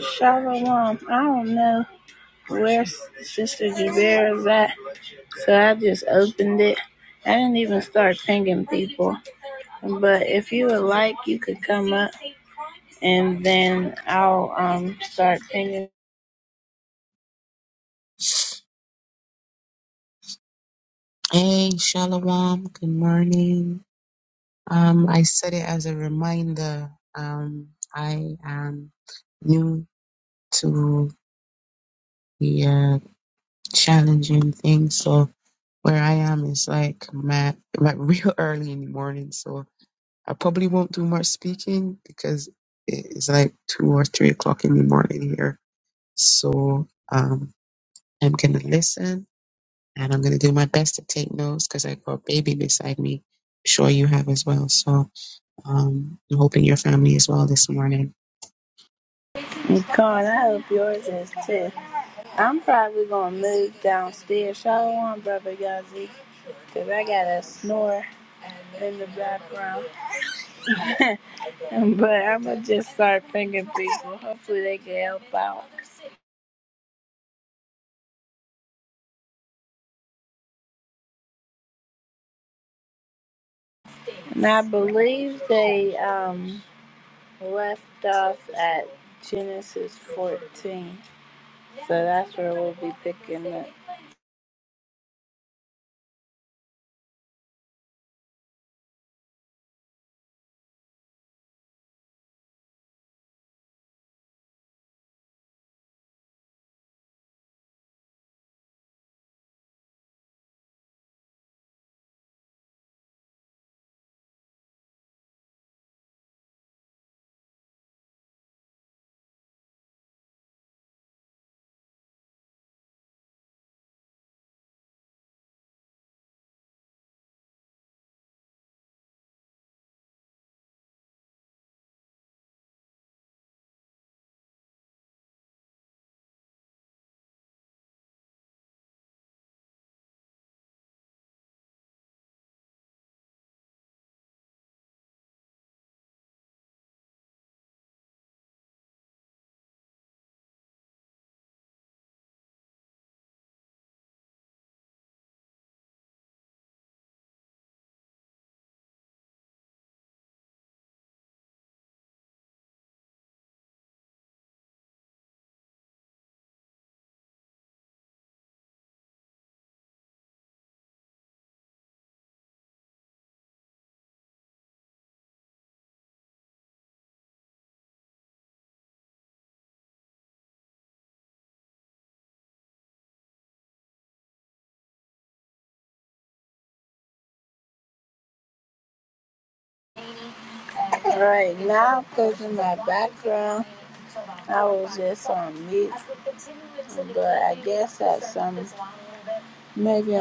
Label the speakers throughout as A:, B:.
A: Shalom. I don't know where Sister Jubera at, so I just opened it. I didn't even start pinging people. But if you would like, you could come up and then I'll um start pinging.
B: Hey, Shalom. Good morning. Um, I said it as a reminder. Um, I am new to the uh, challenging thing, so where I am is like my like real early in the morning. So I probably won't do much speaking because it's like two or three o'clock in the morning here. So um, I'm gonna listen and I'm gonna do my best to take notes because I got baby beside me. Sure, you have as well. So. Um, I'm hoping your family is well this morning.
A: Con, I hope yours is too. I'm probably going to move downstairs. Shalom, Brother Yazi, because I got a snore in the background. but I'm going to just start pinging people. Hopefully, they can help out. And I believe they um, left off at Genesis 14. So that's where we'll be picking up. All right, now because in my background on me, maybe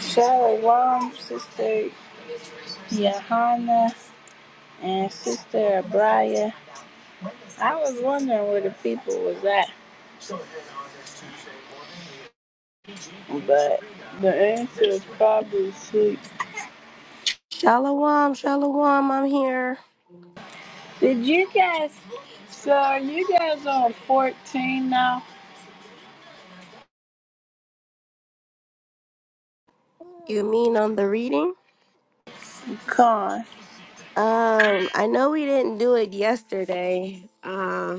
A: Shalom, Sister Johanna, and Sister Abraya. I was wondering where the people was at, but the answer is probably sleep.
C: Shalom, shalom, I'm here.
A: Did you guys, so are you guys on 14 now?
C: You mean on the reading?
A: Con.
C: Um, I know we didn't do it yesterday. Uh,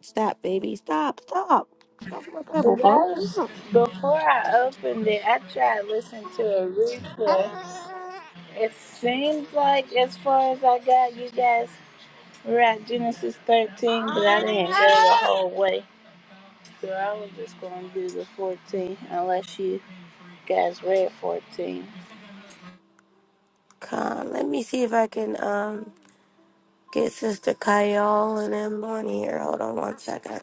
C: stop, baby, stop, stop. Get off my
A: That
C: Bible, bro.
A: before I opened it. I tried listening to a
C: Come,
A: replay. It seems like, as far as I got, you guys were at Genesis 13, but I didn't go the whole way. So I was just going to do the 14, unless you guys read 14.
C: on, let me see if I can um get Sister Kyle and them on here. Hold on one second.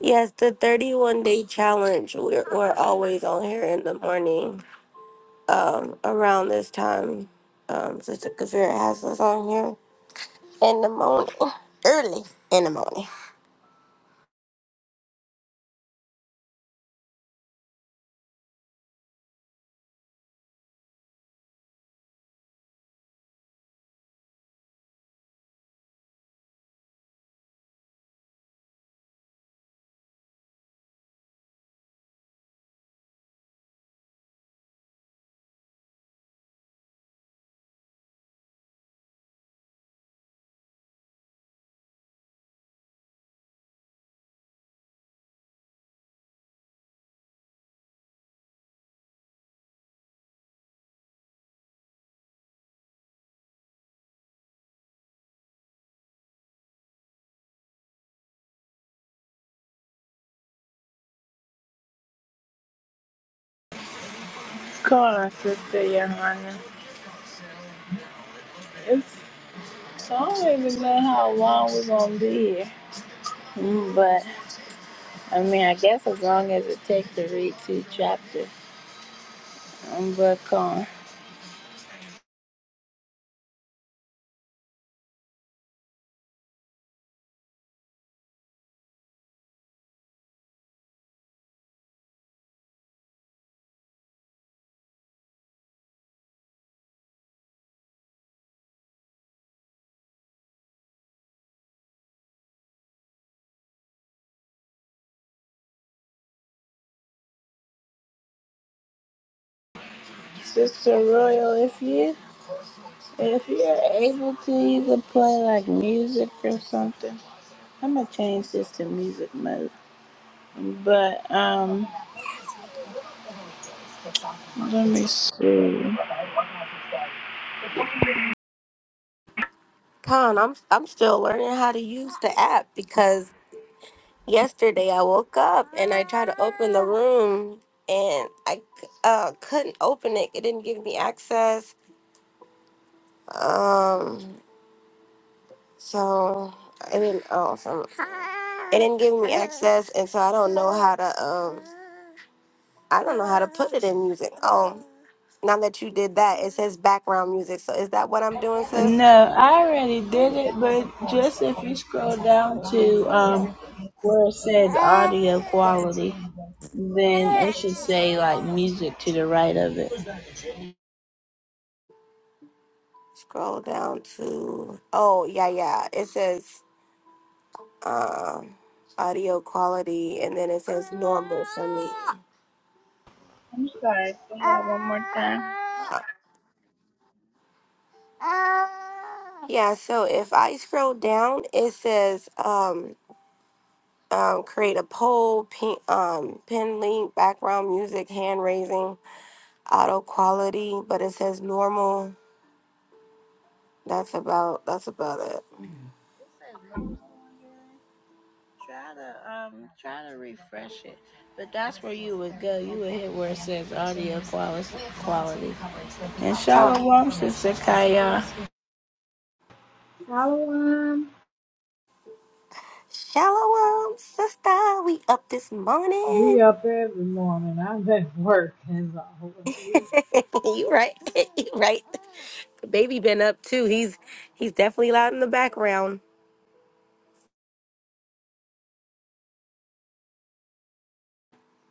C: Yes, the 31 day challenge. We're, we're always on here in the morning. um, around this time, um, Sister Kavira has us on here in the morning, early in the morning.
A: Come on, Sister Johanna. It's, so I don't even know how long we're going to be here. Mm, But, I mean, I guess as long as it takes to read two chapters, I'm book on. Sister Royal, if you if you're able to, you could play like music or something. I'm gonna change this to music mode. But um, let me see.
C: Con, I'm I'm still learning how to use the app because yesterday I woke up and I tried to open the room and I c- uh, couldn't open it. It didn't give me access. Um, so it didn't. Oh, some, it didn't give me access, and so I don't know how to um. I don't know how to put it in music. Oh, now that you did that, it says background music. So is that what I'm doing, sis?
A: No, I already did it. But just if you scroll down to um where it says audio quality, then it should say like music to the right of it.
C: Scroll down to oh yeah yeah. It says um audio quality, and then it says normal for me.
A: I'm sorry. Say
C: Uh,
A: that one more time.
C: Yeah, so if I scroll down, it says um um, create a poll, pin, um, pin link, background music, hand raising, auto quality, but it says normal. That's about that's about it.
A: It says no. Try to um try to refresh it, but that's where you would go. You would hit where it says audio quality. Quality. And
C: Huh.
A: Shalom, Sister Kaya.
D: Shalom.
C: Shalom, sister. We up this morning.
D: We up every morning. I'm at work as always.
C: you right. you right. Baby been up too. He's he's definitely loud in the background.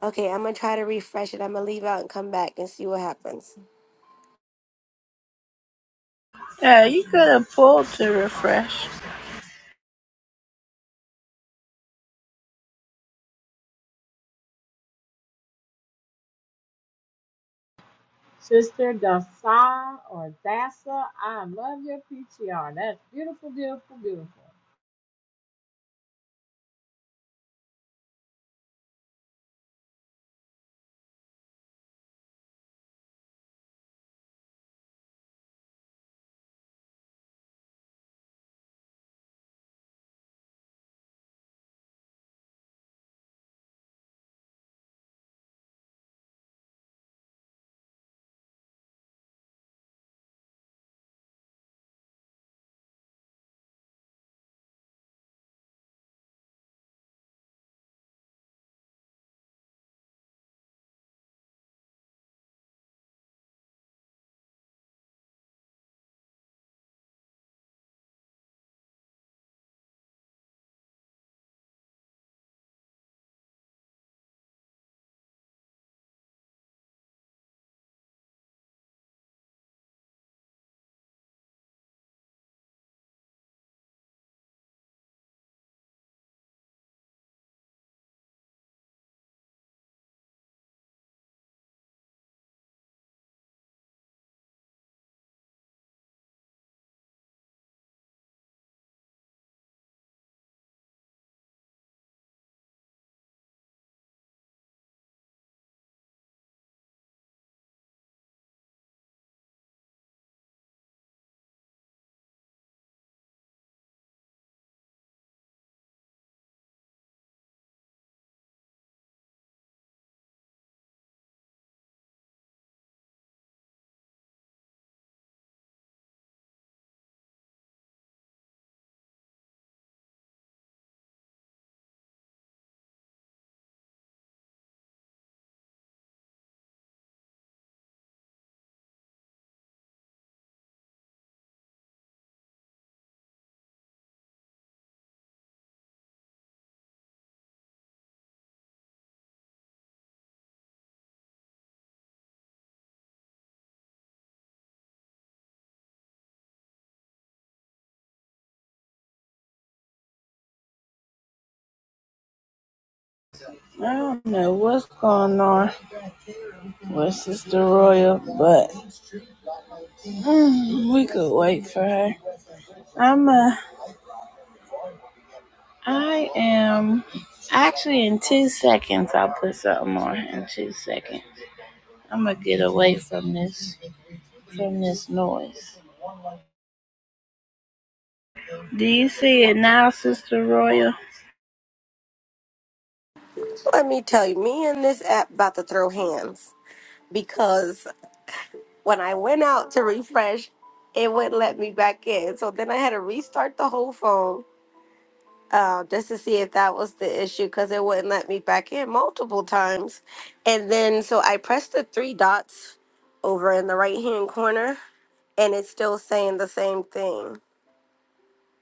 C: Okay, I'm gonna try to refresh it. I'm gonna leave out and come back and see what happens.
A: Yeah, you could have pulled to refresh.
D: Sister Dasa or Dasa, I love your PTR. That's beautiful, beautiful, beautiful.
A: I don't know what's going on with Sister Royal, but mm, we could wait for her. I'm uh I am actually in two seconds. I'll put something on in two seconds. I'm gonna get away from this from this noise. Do you see it now Sister Royal.
C: Let me tell you, me and this app about to throw hands because when I went out to refresh, it wouldn't let me back in. So then I had to restart the whole phone uh, just to see if that was the issue because it wouldn't let me back in multiple times. And then so I pressed the three dots over in the right hand corner and it's still saying the same thing.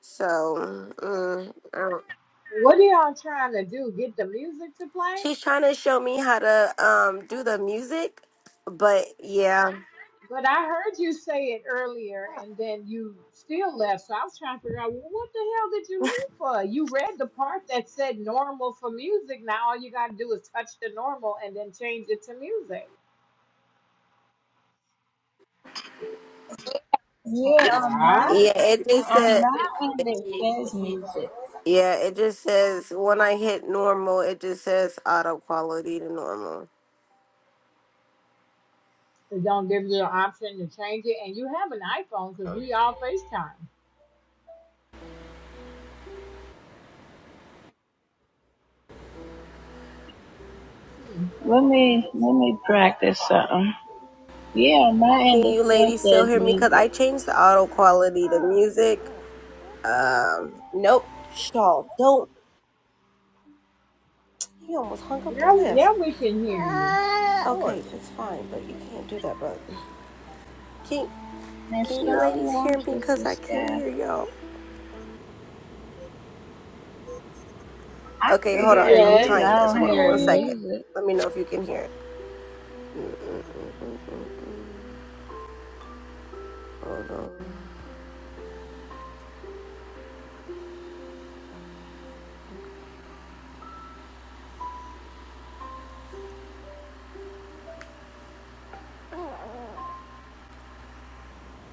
C: So mm, I don't-
D: What are y'all trying to do? Get the music to play?
C: she's trying to show me how to um, do the music, but yeah,
D: But I heard you say it earlier and then you still left. So I was trying to figure out well, what the hell did you leave for? You read the part that said normal for music. Now all you got to do is touch the normal and then change it to music.
A: Yeah, on
D: Yeah.
A: my
C: yeah, it just
A: on
C: said.
A: my end it says music.
C: Yeah, it just says when I hit normal, it just says auto quality to normal.
D: It don't give you an option to change it. And you have an iPhone because we all FaceTime. Hmm.
A: Let me let me practice something. Yeah, on my end
C: Can
A: it
C: you
A: still
C: ladies still
A: says
C: hear me? Cause
A: music.
C: I changed the auto quality to music. Um, nope. Shaw, don't. He almost hung up the
D: Yeah,
C: class.
D: yeah, we can hear you. Of
C: Okay,
D: course.
C: it's fine, but you can't do that, bro. Can
A: And
C: Can you
A: so
C: ladies
A: warm
C: hear me?
A: sister
C: Cause I can't
A: sky.
C: hear y'all.
A: I
C: Okay,
A: can
C: hold
A: hear
C: on. I'm
D: Yes,
A: you,
C: trying
D: we
A: I
C: this.
A: don't
D: can
C: Hold on
D: hear
A: hear
C: one
D: you.
C: second.
A: music.
C: Let me know if you can hear it. Hold on.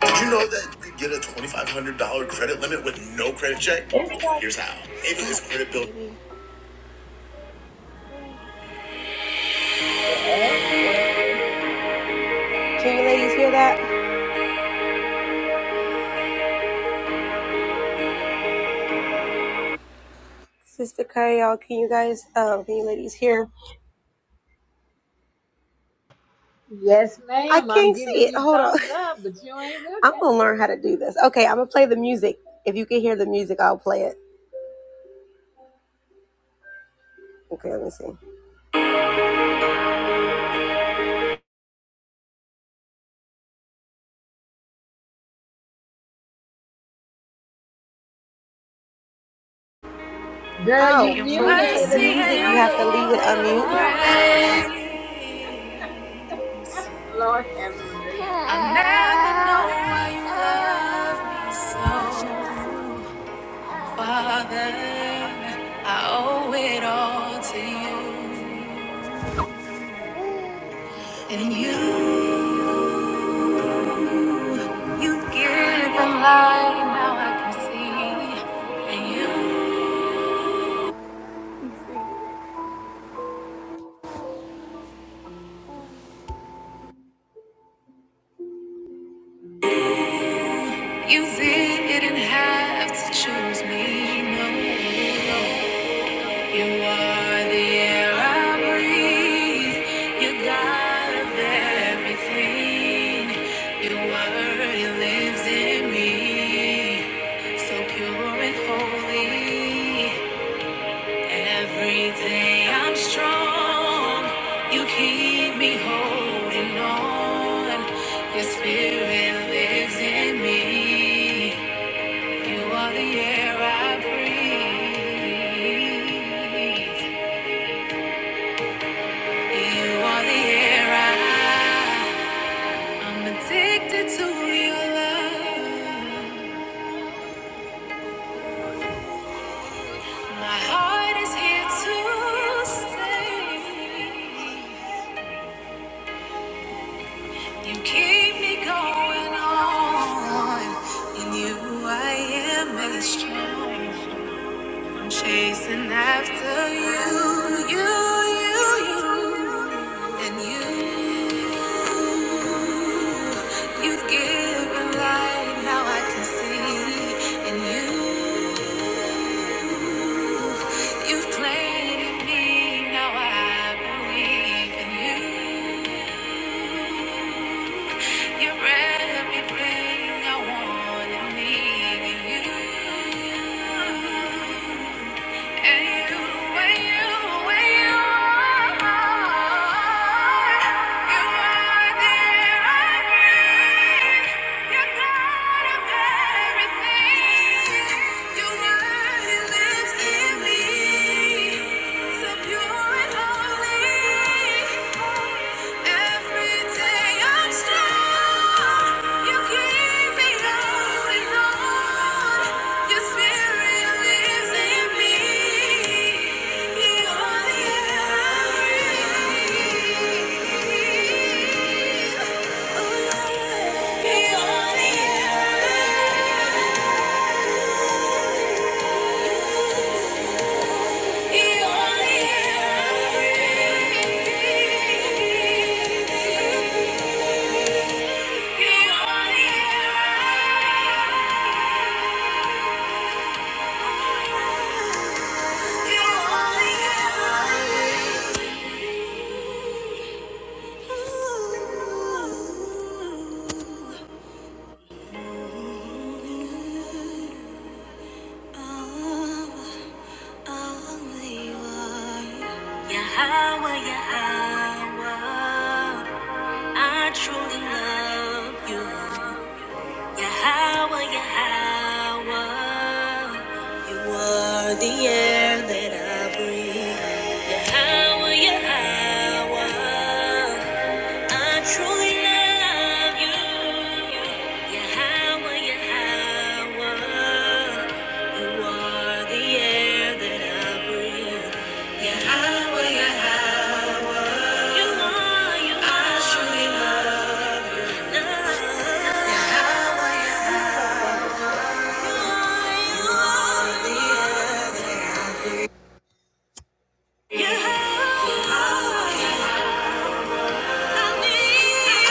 C: Did you know that you could get a $2,500 credit limit with no credit check?
A: It's
C: Here's how. Maybe this credit bill.
A: the ads working.
C: Can you ladies hear that? Sister Kyle, can you guys, um, can you ladies hear?
D: Yes,
C: I
D: ma'am. I'm
C: can't see
D: giving
C: it.
D: you
C: Hold on.
D: thumbs up, but you ain't
C: I'm
D: looking.
C: going to learn how to do this. Okay, I'm going to play the music. If you can hear the music, I'll play it. Okay, let me see. Oh, so
D: Girl, you
C: when you play
D: muted.
C: the
D: You
C: music, you have to
D: muted.
C: leave it
D: Take the
C: unmute.
D: mute out. Lord have mercy.
C: I never know why you love me so. Father, I owe it all to you. And you, you given light, now I can see. And you, you didn't have to choose me. No, no, no. You are the air I breathe. You're God everything. Your word, lives in me. So pure and holy. Every day I'm strong. You keep me holding on. Your spirit lives in me. You are the air I breathe. You are the air I, am addicted to your love. My heart is here to stay. You keep me going on. In you I am made strong. I'm chasing after you, you, you, you. And you, you've given light, now I can see. And you, you've planted me, now I believe. And you, you're everything I want and need. And you. Thank you he only Yeah. Yahweh, Yahweh, I truly love you. Yahweh, Yahweh, you are the air that I breathe. Power, your power. I truly love you. Your power, your power. You are the air that I breathe. Your power, your power. You are, you I truly love you. Your power, are the air. Your power, I need you.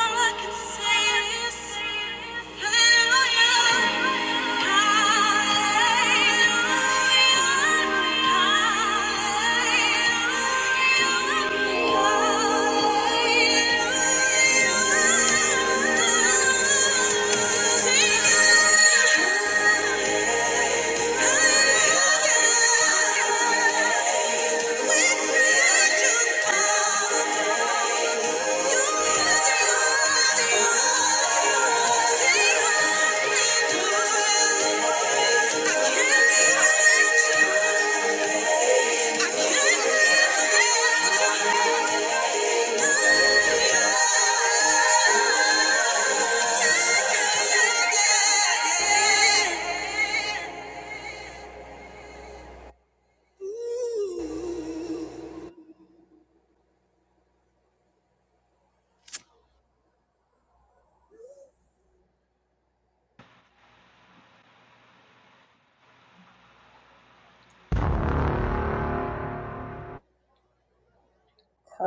C: All I can say is hallelujah. Hallelujah.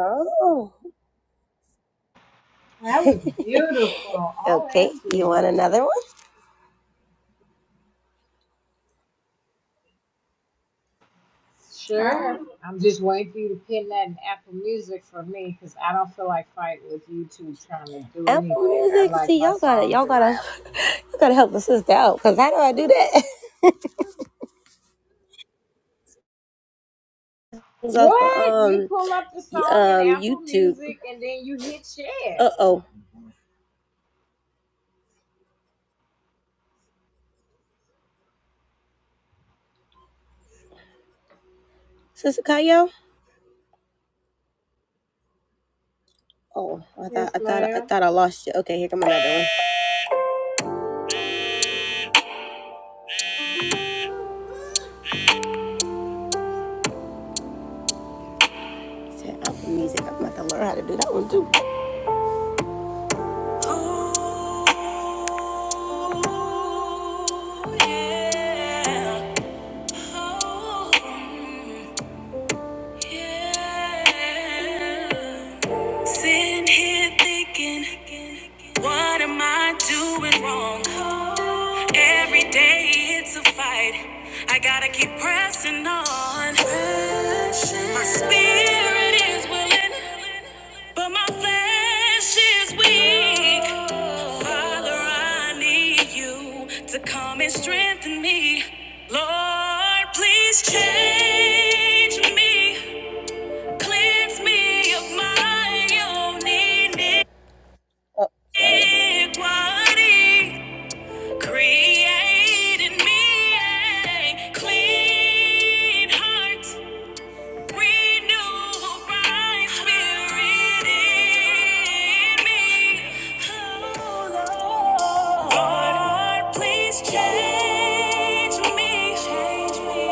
C: Oh,
D: That was beautiful.
C: okay. You
D: OMG.
C: want another one?
A: I
D: Sure.
A: don't
D: I'm just waiting for you to pin that in Apple Music for me because I don't feel like fighting with YouTube trying to do
C: Apple
D: anything. I
C: Music.
D: like
C: See,
D: my
C: y'all gotta,
D: songs
C: y'all
D: in my
C: gotta,
D: Apple Music.
C: you gotta help a sister out. Cause how do I do that? It's off of
D: What? You
C: um,
D: pull up the
C: y-
D: song in
C: um,
D: Apple
C: YouTube.
D: Music and then you hit share.
C: Uh oh, Sister Kayo. Oh, I thought,
D: Yes,
C: I thought, I
D: ma'am.
C: thought I lost you. Okay, here come another one. Said Apple Music. I'm about to learn how to do that one too. Ooh, yeah. Yeah. Sitting here thinking, what am I doing wrong? Every day it's a fight. I gotta keep pressing on. My spirit is willing, but my flesh is weak. Father, I need you to come and strengthen me. Lord, please change me. Cleanse me of my own iniquity. Create in me a clean heart. Renew a right spirit in me. Oh, Lord. Lord, please change me.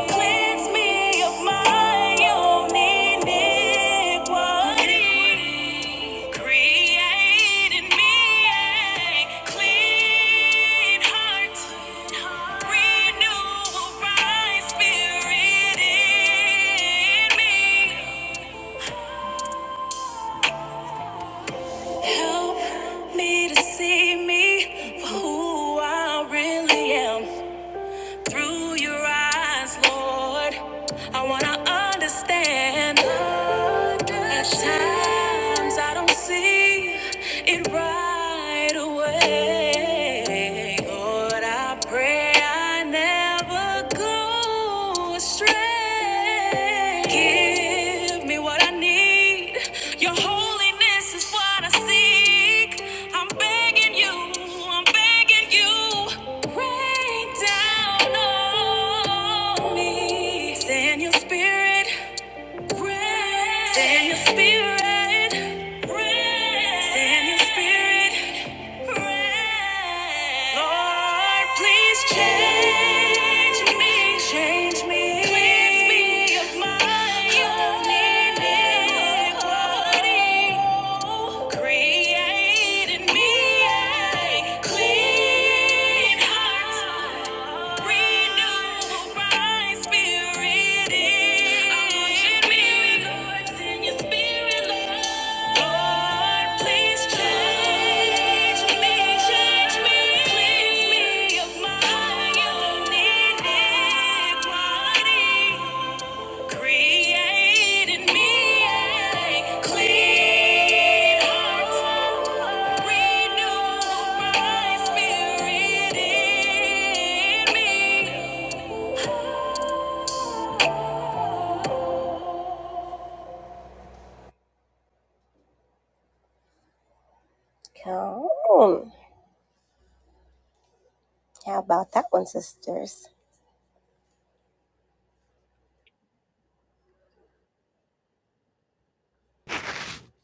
C: Cleanse me of my own iniquity. Pick what created me a clean heart, renew a right spirit in me. Help me to see me for who I really am. Through your eyes, Lord, I wanna understand. At times I don't see it right away. Lord, I pray I never go your strength. Give me what I need. Your holiness is what I seek. I'm begging you, I'm begging you. Rain down on me. Send your spirit. Rain. Send your spirit. Rain. Send your spirit. Lord, please change me, change me, cleanse me of my own iniquity. Create in me a clean heart, renew my spirit. I want your miracles in your spirit, Lord. Come on. How about that one, sisters?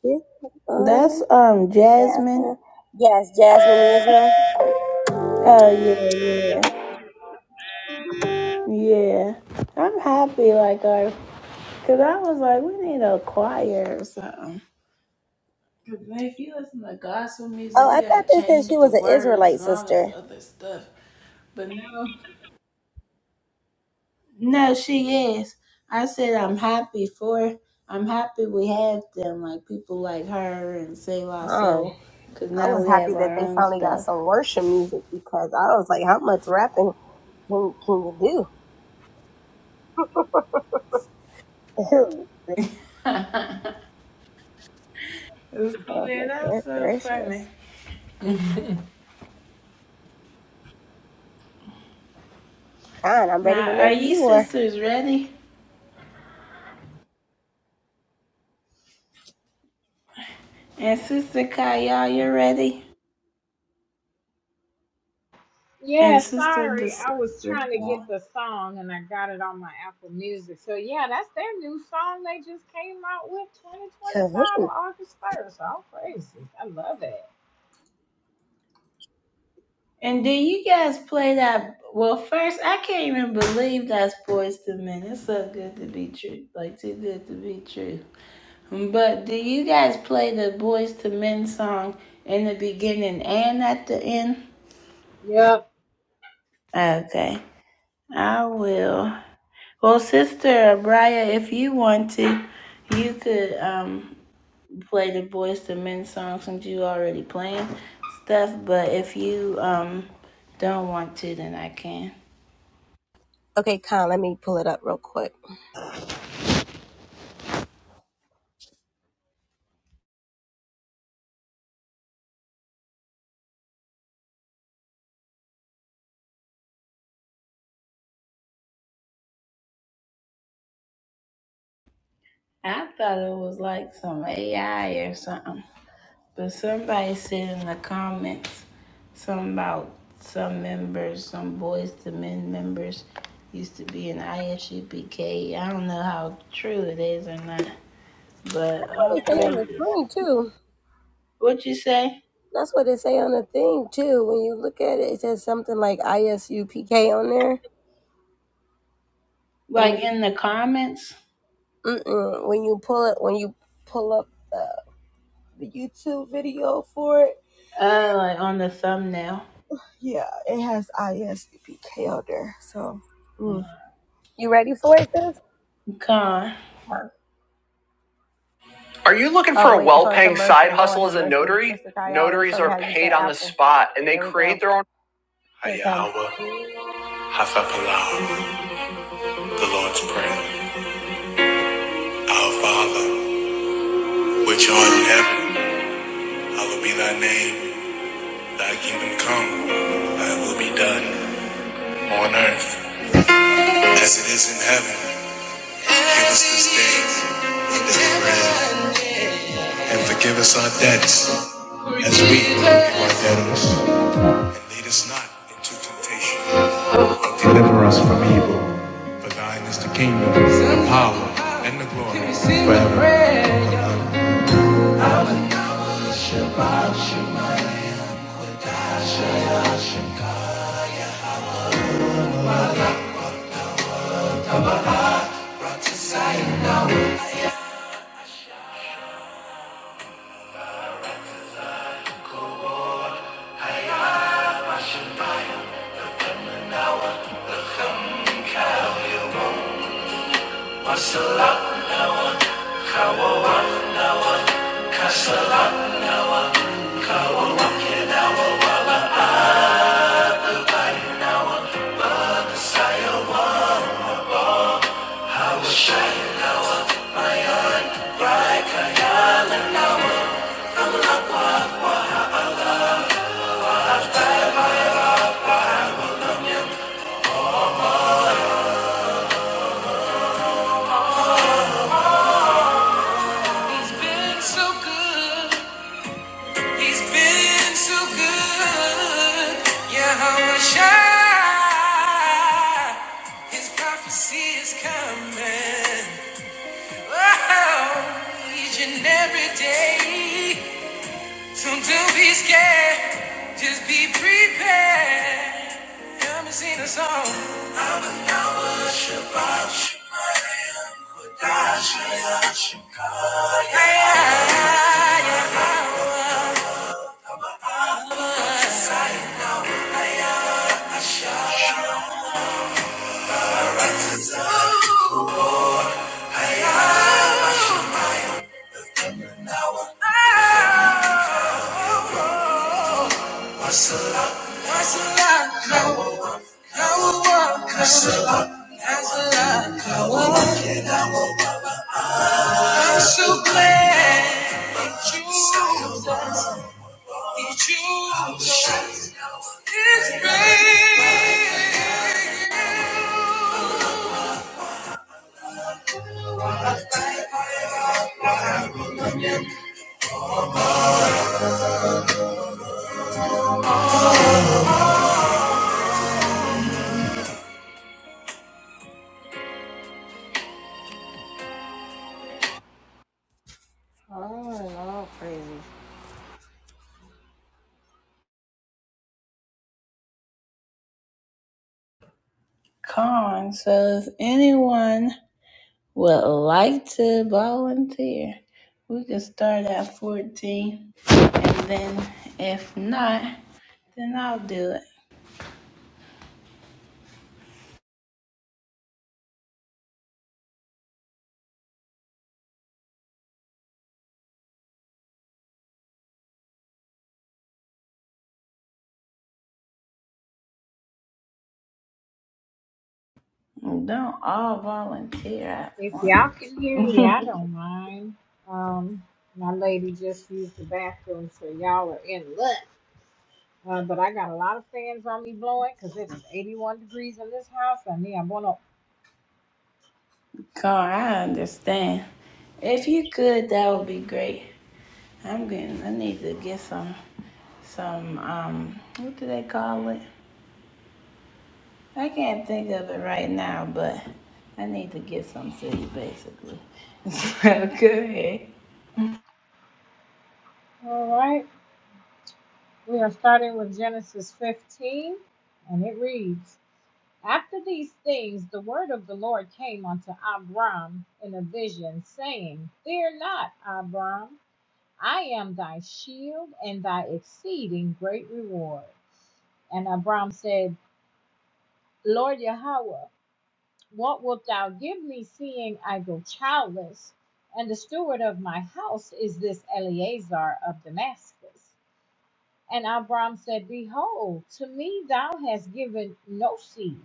C: Yeah. Um,
A: That's um
C: Jasmine.
A: Jasmine.
C: Yes, Jasmine Israel.
A: Oh yeah, yeah. Yeah, I'm happy. Like I, cause I was like, we need a choir or something. But if you listen to gospel music,
C: Oh, I
A: yeah,
C: thought they said she
A: change the
C: was an
A: words
C: Israelite
A: and all this
C: sister.
A: other stuff. But no, no, she is. I said I'm happy for. I'm happy we have them, like people like her and Save Our
C: Oh,
A: Soul, because
C: I
A: now
C: was
A: we
C: happy
A: have
C: that
A: our
C: they
A: own
C: finally got
A: stuff.
C: some worship music because I was like, how much rapping can, can you do?
A: It's
C: Oh,
A: weird.
C: was like, good
A: That's so funny.
C: gracious. Con, I'm ready
A: Now, are
C: whenever
A: you
C: you are.
A: sisters ready? And Sister Kaya, you're ready?
D: Yeah,
A: And Sister
D: sorry.
A: Des.
D: I was trying to get the song and I got it on my Apple Music. So, yeah, that's their new song they just came out with 2025 on
C: Kahoot.
D: August 1st. All crazy. I love it.
A: And do you guys play that? Well, first, I can't even believe that's Boys to Men. It's so good to be true. Like, too good to be true. But do you guys play the Boys to Men song in the beginning and at the end?
D: Yep.
A: Okay, I will. Well, Sister Abraya, if you want to, you could um, play the Boys to Men song since you already playing stuff. But if you um, don't want to, then I can.
C: Okay, Con, let me pull it up real quick.
A: I thought it was like some AI or something. But somebody said in the comments something about some members, some boys to men members used to be in ISUPK. I don't know how true it is or not. But
C: What they
A: all
C: say on the
A: praises.
C: screen, too.
A: What you say?
C: That's what they say on the thing, too. When you look at it, it says something like ISUPK on there. When
A: Like
C: you
A: in the comments?
C: Mm-mm. When you pull it, when you pull up the, the YouTube video for it,
A: Uh like on the thumbnail.
C: yeah, it has ISBPK on there. So, mm. you ready for it, sis?
A: Con.
C: Are you looking for oh, a well paying side hustle as a notary? Notaries are paid on the spot and they create their own. Hiya, Hasapalau, the Lord's Prayer. Our Father, which art in heaven, hallowed be thy name. Thy come, thy will be done on earth as it is in heaven. Give us this day and forgive us our debts as we forgive our debtors. And lead us not into temptation, but deliver us from evil. For thine is the kingdom, the power, and the glory forever. He's been so good. He's been so good. Yahweh Shai. His prophecy is coming. Oh, each and every day. Don't be scared, just be prepared. Come and sing a song. I'm a Yahweh Shabbat Shemayim, Kodash Hayah Shemaiah. Yeah, yeah, yeah. Oh, oh, oh. I'm so glad he chose us. He chose us. It's great.
A: Con. So if anyone would like to volunteer, we can start at 14. And then if not, then I'll do it. Don't all volunteer at
D: If
A: once.
D: y'all can hear me, I don't mind. Um, my lady just used the bathroom, so y'all are in luck. Uh, but I got a lot of fans on me blowing because it's 81 degrees in this house. I need I'm gonna.
A: Car, I understand. If you could, that would be great. I'm getting, I need to get some, some, um, what do they call it? I can't think of it right now, but I need to get some sleep basically. So go ahead.
D: All right, we are starting with Genesis 15, and it reads: After these things, the word of the Lord came unto Abram in a vision, saying, Fear not, Abram. I am thy shield and thy exceeding great reward. And Abram said, Lord Yahweh, what wilt thou give me, seeing I go childless? And the steward of my house is this Eleazar of Damascus. And Abram said, Behold, to me thou hast given no seed,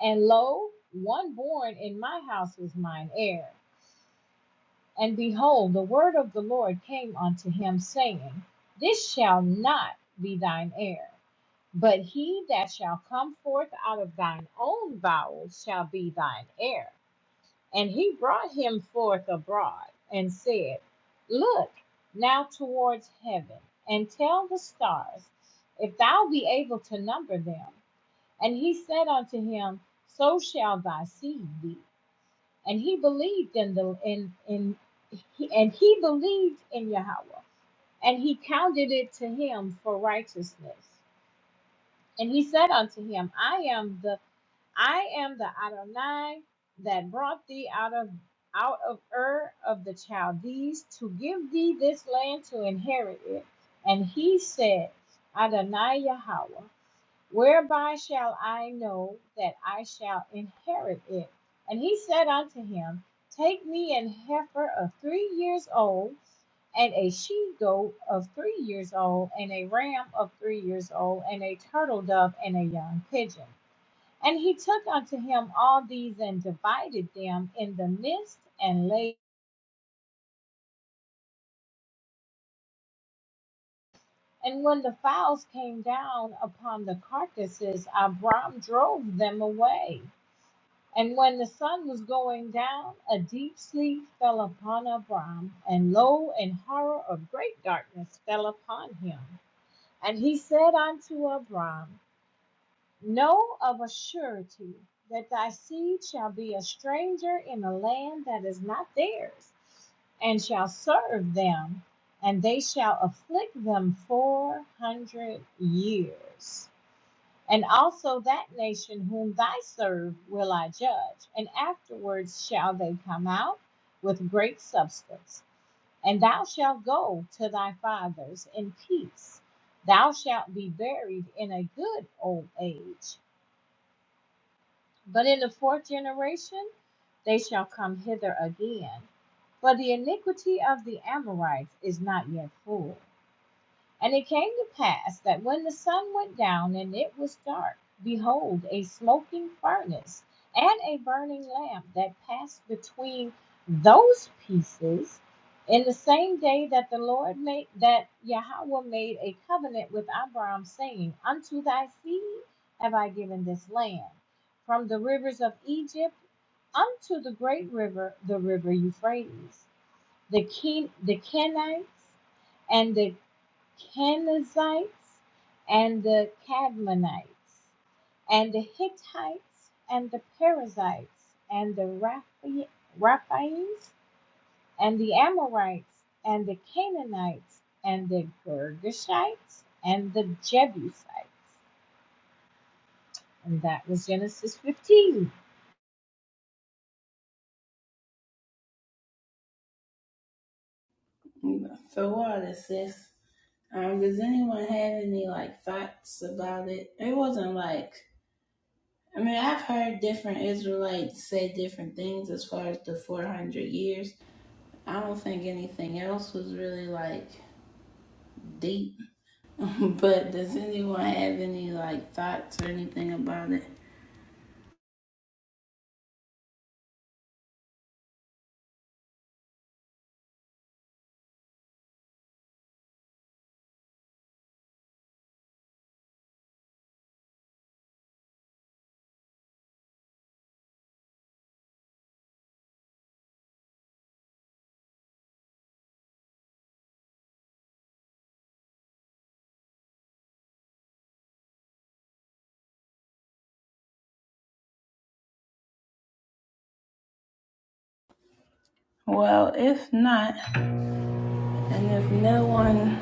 D: and lo, one born in my house is mine heir. And behold, the word of the Lord came unto him, saying, This shall not be thine heir, but he that shall come forth out of thine own bowels shall be thine heir. And he brought him forth abroad, and said, Look now towards heaven, and tell the stars, if thou be able to number them. And he said unto him, So shall thy seed be and he believed in the in in he, and he believed in Yahweh, and he counted it to him for righteousness. And he said unto him, I am the I am the Adonai that brought thee out of out of Ur of the Chaldees to give thee this land to inherit it. And he said, Adonai Yahweh whereby shall I know that I shall inherit it? And he said unto him, Take me an heifer of three years old, and a she goat of three years old, and a ram of three years old, and a turtle dove, and a young pigeon. And he took unto him all these and divided them in the midst and laid. And when the fowls came down upon the carcasses, Abram drove them away. And when the sun was going down, a deep sleep fell upon Abram, and lo, an horror of great darkness fell upon him. And he said unto Abram, Know of a surety that thy seed shall be a stranger in a land that is not theirs, and shall serve them, and they shall afflict them four hundred years. And also that nation whom thy serve will I judge, and afterwards shall they come out with great substance. And thou shalt go to thy fathers in peace. Thou shalt be buried in a good old age. But in the fourth generation they shall come hither again. For the iniquity of the Amorites is not yet full, And it came to pass that when the sun went down and it was dark, behold, a smoking furnace and a burning lamp that passed between those pieces in the same day that the Lord made that Yahweh made a covenant with Abram, saying, Unto thy seed have I given this land, from the rivers of Egypt unto the great river, the river Euphrates, the Ken- the Kenites, and the Canaanites and the Cadmonites, and the Hittites and the Perizzites, and the Rapha- Raphaims and the Amorites and the Canaanites and the Girgashites and the Jebusites. And that was Genesis 15.
A: So what is this? Um, does anyone have any like thoughts about it? It wasn't like I mean, I've heard different Israelites say different things as far as the 400 years. I don't think anything else was really like deep. but does anyone have any like thoughts or anything about it? Well, if not, and if no one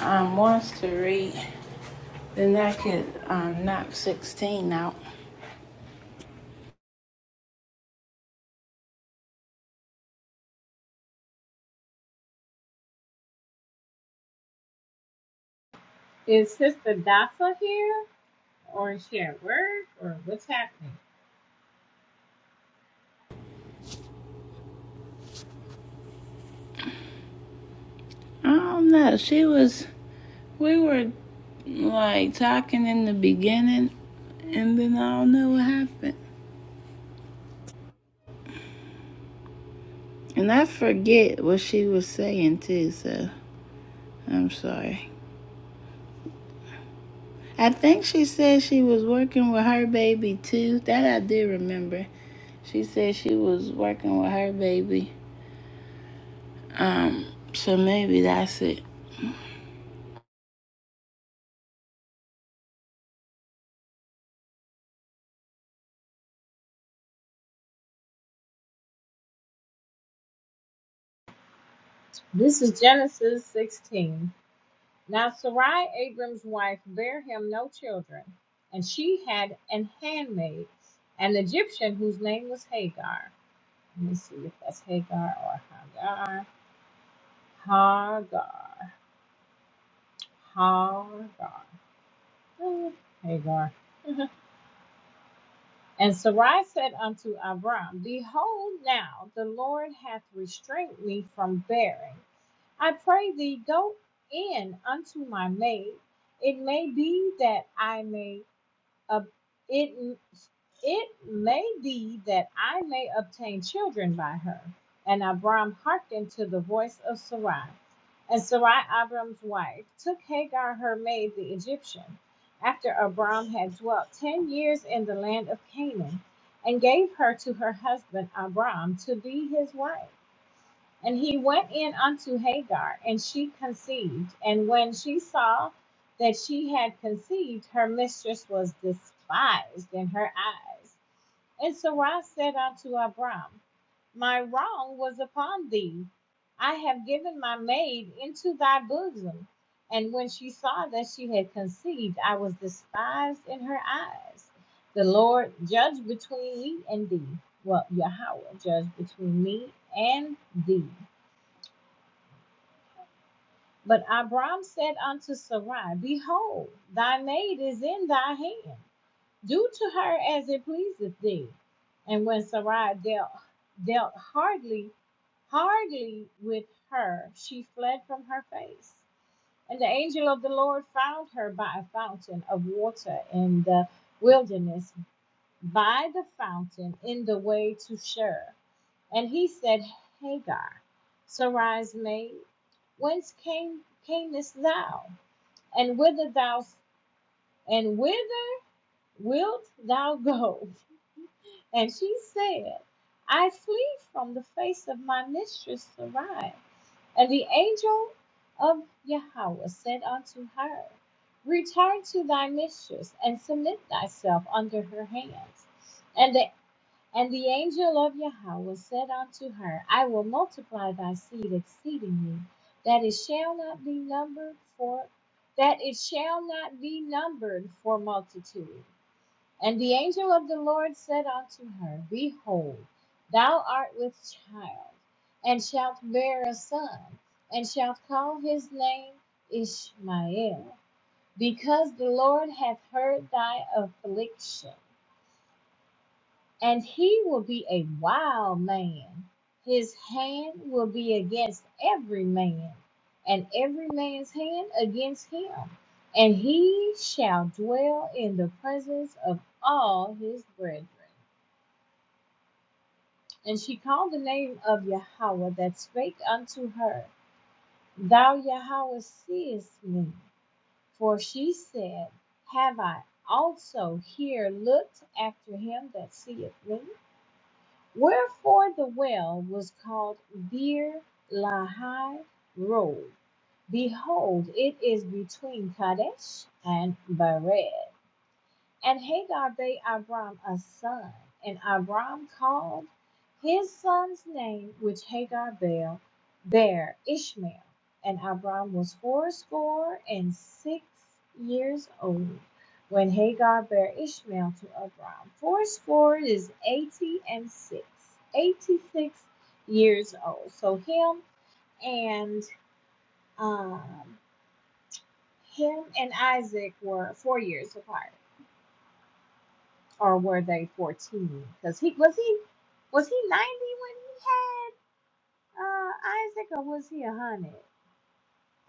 A: um, wants to read, then I could um, knock 16 out.
D: Is Sister Dafa here? Or is she at work? Or what's happening?
A: I don't know. She was We were like talking in the beginning, and then I don't know what happened. And I forget what she was saying too, so I'm sorry. I think she said she was working with her baby too. That I do remember. She said she was working with her baby. Um, so maybe that's it.
D: This is Genesis 16. Now Sarai, Abram's wife, bare him no children, and she had an handmaid, an Egyptian whose name was Hagar. Let me see if that's Hagar or Hagar. Hagar. Hagar. Eh, Hagar. And Sarai said unto Abram, Behold, now the Lord hath restrained me from bearing. I pray thee, go in unto my maid. It may be that I may ob- it it may be that I may obtain children by her. And Abram hearkened to the voice of Sarai. And Sarai, Abram's wife, took Hagar, her maid, the Egyptian, after Abram had dwelt ten years in the land of Canaan, and gave her to her husband Abram to be his wife. And he went in unto Hagar, and she conceived. And when she saw that she had conceived, her mistress was despised in her eyes. And Sarah said unto Abram, My wrong was upon thee. I have given my maid into thy bosom. And when she saw that she had conceived, I was despised in her eyes. The Lord judge between me and thee. Well, Yahweh judge between me and thee. But Abram said unto Sarai, Behold, thy maid is in thy hand. Do to her as it pleaseth thee. And when Sarai dealt, dealt hardly, hardly with her, she fled from her face. And the angel of the Lord found her by a fountain of water in the wilderness, by the fountain in the way to Shur. And he said, Hagar, Sarai's maid, whence came camest thou? And whither thou and whither wilt thou go? And she said, I flee from the face of my mistress Sarai. And the angel of Yahweh said unto her, Return to thy mistress and submit thyself under her hands. And the and the angel of Yahweh said unto her, I will multiply thy seed exceedingly, that it shall not be numbered for that it shall not be numbered for multitude. And the angel of the Lord said unto her, Behold, thou art with child, and shalt bear a son, and shalt call his name Ishmael, because the Lord hath heard thy affliction and he will be a wild man. His hand will be against every man, and every man's hand against him. And he shall dwell in the presence of all his brethren. And she called the name of Yahweh that spake unto her, Thou Yahweh seest me. For she said, Have I also here looked after him that seeth me? Wherefore the well was called Beer Lahai Road. Behold, it is between Kadesh and Bered. And Hagar gave Abram a son, and Abram called his son's name, which Hagar bare, bare Ishmael. And Abram was fourscore and six years old when Hagar bare Ishmael to Abram. Fourscore is eighty and six, eighty-six years old. So him and um, him and Isaac were four years apart. or were they 14? Because he was he was he 90 when he had uh, Isaac, or was he 100?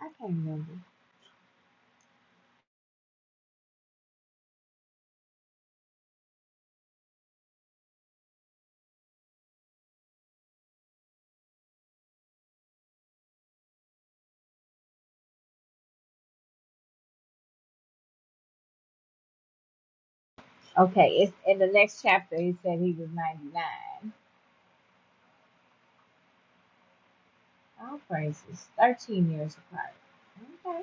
D: I can't remember. Okay, it's in the next chapter. He said he was 99. Oh, praises. 13 years apart. Okay.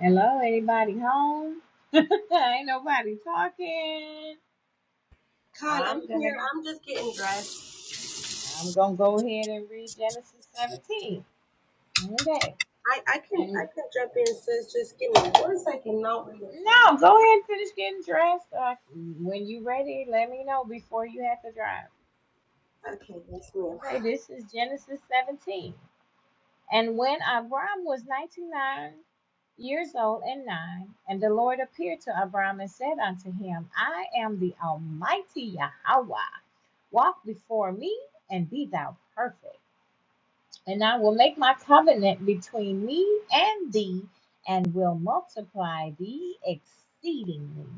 D: Hello, anybody home? Ain't nobody talking. I'm gonna I'm gonna go ahead and read Genesis 17. Okay.
C: I, I can
D: and.
C: I can jump in, sis. Just give me one second. Not reading for me.
D: No, go ahead and finish getting dressed. Uh, when you are ready, let me know before you have to drive.
C: Okay, yes, ma'am.
D: Okay, this is Genesis 17. And when Abram was 99 years old and nine, and the Lord appeared to Abram and said unto him, I am the Almighty Yahweh. Walk before me and be thou perfect. And I will make my covenant between me and thee, and will multiply thee exceedingly.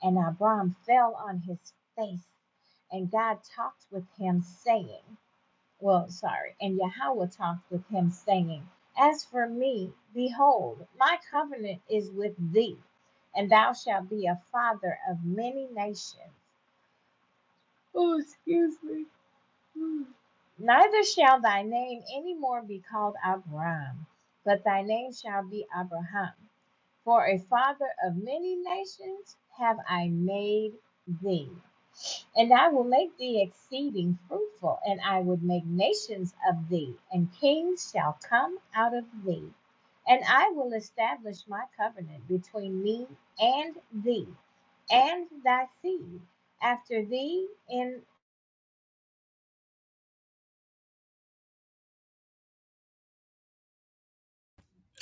D: And Abram fell on his face, and God talked with him, saying, Well, sorry, and Yahweh talked with him, saying, As for me, behold, my covenant is with thee, and thou shalt be a father of many nations. Oh, excuse me. Neither shall thy name any more be called Abraham, but thy name shall be Abraham. For a father of many nations have I made thee. And I will make thee exceeding fruitful, and I will make nations of thee, and kings shall come out of thee. And I will establish my covenant between me and thee, and thy seed after thee, and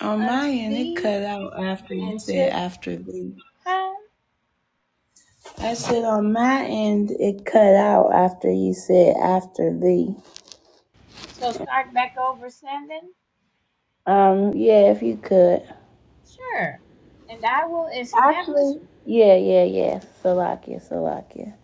A: On my
D: unto
A: end, it
D: thee,
A: cut out after you
D: and
A: said
D: to
A: after thee.
D: Huh?
A: I said on my end, it cut out after you said after thee.
D: So start back over seven?
A: Um, yeah, if you could.
D: Sure. And I will establish
A: Yeah, yeah, yeah. Salakia, Salakia.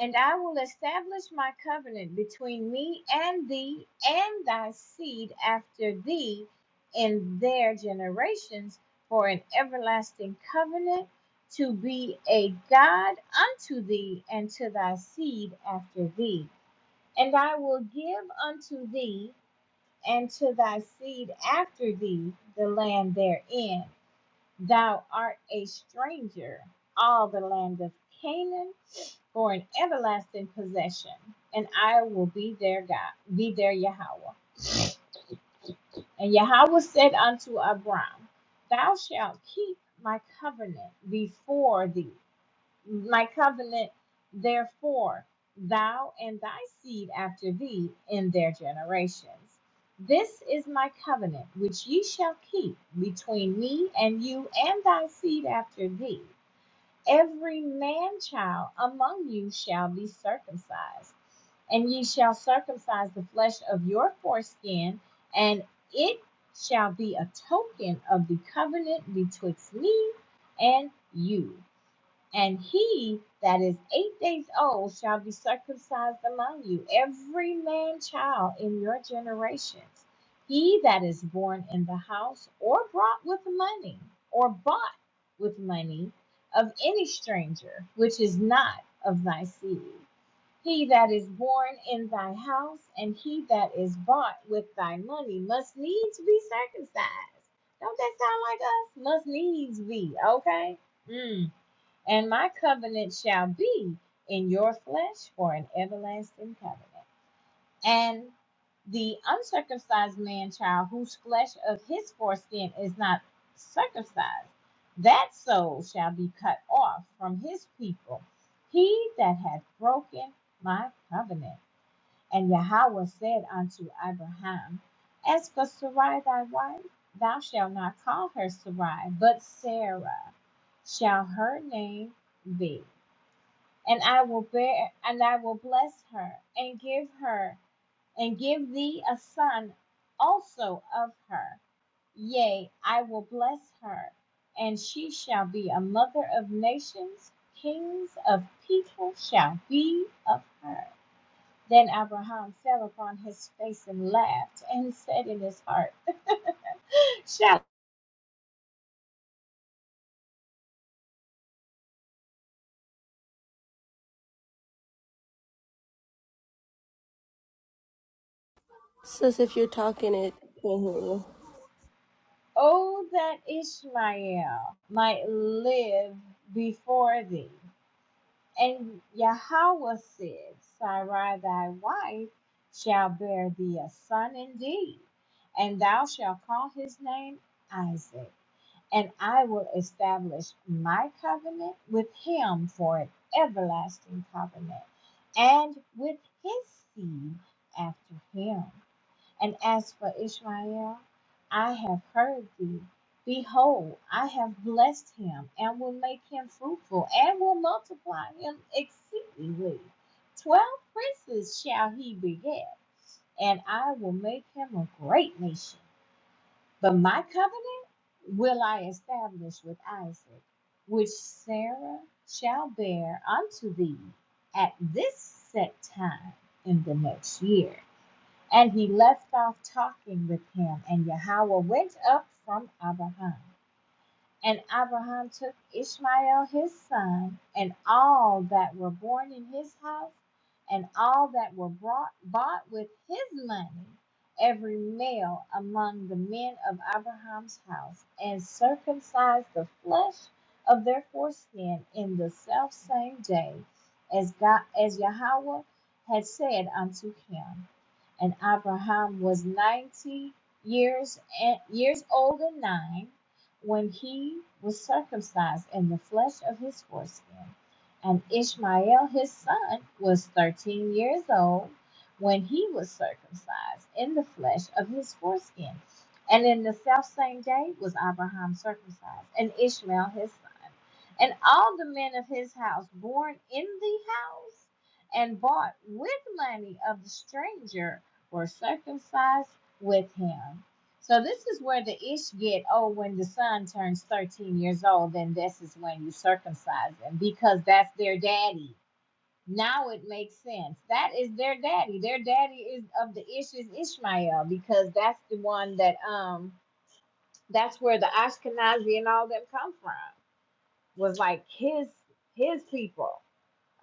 D: and I will establish my covenant between me and thee and thy seed after thee in their generations for an everlasting covenant to be a God unto thee and to thy seed after thee. And I will give unto thee and to thy seed after thee the land therein Thou art a stranger, all the land of Canaan, for an everlasting possession, and I will be their God, be their Yahweh. And Yahweh said unto Abram, Thou shalt keep my covenant before thee, my covenant therefore, thou and thy seed after thee in their generations. This is my covenant which ye shall keep between me and you and thy seed after thee Every man child among you shall be circumcised, and ye shall circumcise the flesh of your foreskin, and it shall be a token of the covenant betwixt me and you. And he that is eight days old shall be circumcised among you, every man child in your generations. He that is born in the house, or brought with money, or bought with money of any stranger, which is not of thy seed. He that is born in thy house, and he that is bought with thy money, must needs be circumcised. Don't that sound like us? Must needs be, okay? Mm and my covenant shall be in your flesh for an everlasting covenant. And the uncircumcised man child, whose flesh of his foreskin is not circumcised, that soul shall be cut off from his people, he that hath broken my covenant. And Yahweh said unto Abraham, As for Sarai thy wife, thou shalt not call her Sarai, but Sarah shall her name be. And I will bear and I will bless her and give her and give thee a son also of her. Yea, I will bless her, and she shall be a mother of nations, kings of people shall be of her. Then Abraham fell upon his face and laughed and said in his heart, Shall
C: Sis, if you're talking, it can't hear you.
D: oh that Ishmael might live before thee? And Yahweh said, Sarai thy wife shall bear thee a son indeed, and thou shalt call his name Isaac. and I will establish my covenant with him for an everlasting covenant, and with his seed after him. And as for Ishmael, I have heard thee. Behold, I have blessed him, and will make him fruitful, and will multiply him exceedingly. Twelve princes shall he beget, and I will make him a great nation but my covenant will I establish with Isaac, which Sarah shall bear unto thee at this set time in the next year. And he left off talking with him, and Yahweh went up from Abraham. And Abraham took Ishmael his son, and all that were born in his house, and all that were brought, bought with his money, every male among the men of Abraham's house, and circumcised the flesh of their foreskin in the self same day, as God, as Yahweh had said unto him. And Abraham was ninety years years old and nine when he was circumcised in the flesh of his foreskin. And Ishmael his son was thirteen years old when he was circumcised in the flesh of his foreskin. And in the self same day was Abraham circumcised, and Ishmael his son. And all the men of his house born in the house and bought with money of the stranger were circumcised with him. So this is where the ish get, oh, when the son turns 13 years old, then this is when you circumcise them because that's their daddy. Now it makes sense. That is their daddy. Their daddy is of the ish is Ishmael because that's the one that um that's where the Ashkenazi and all them come from. Was like his his people.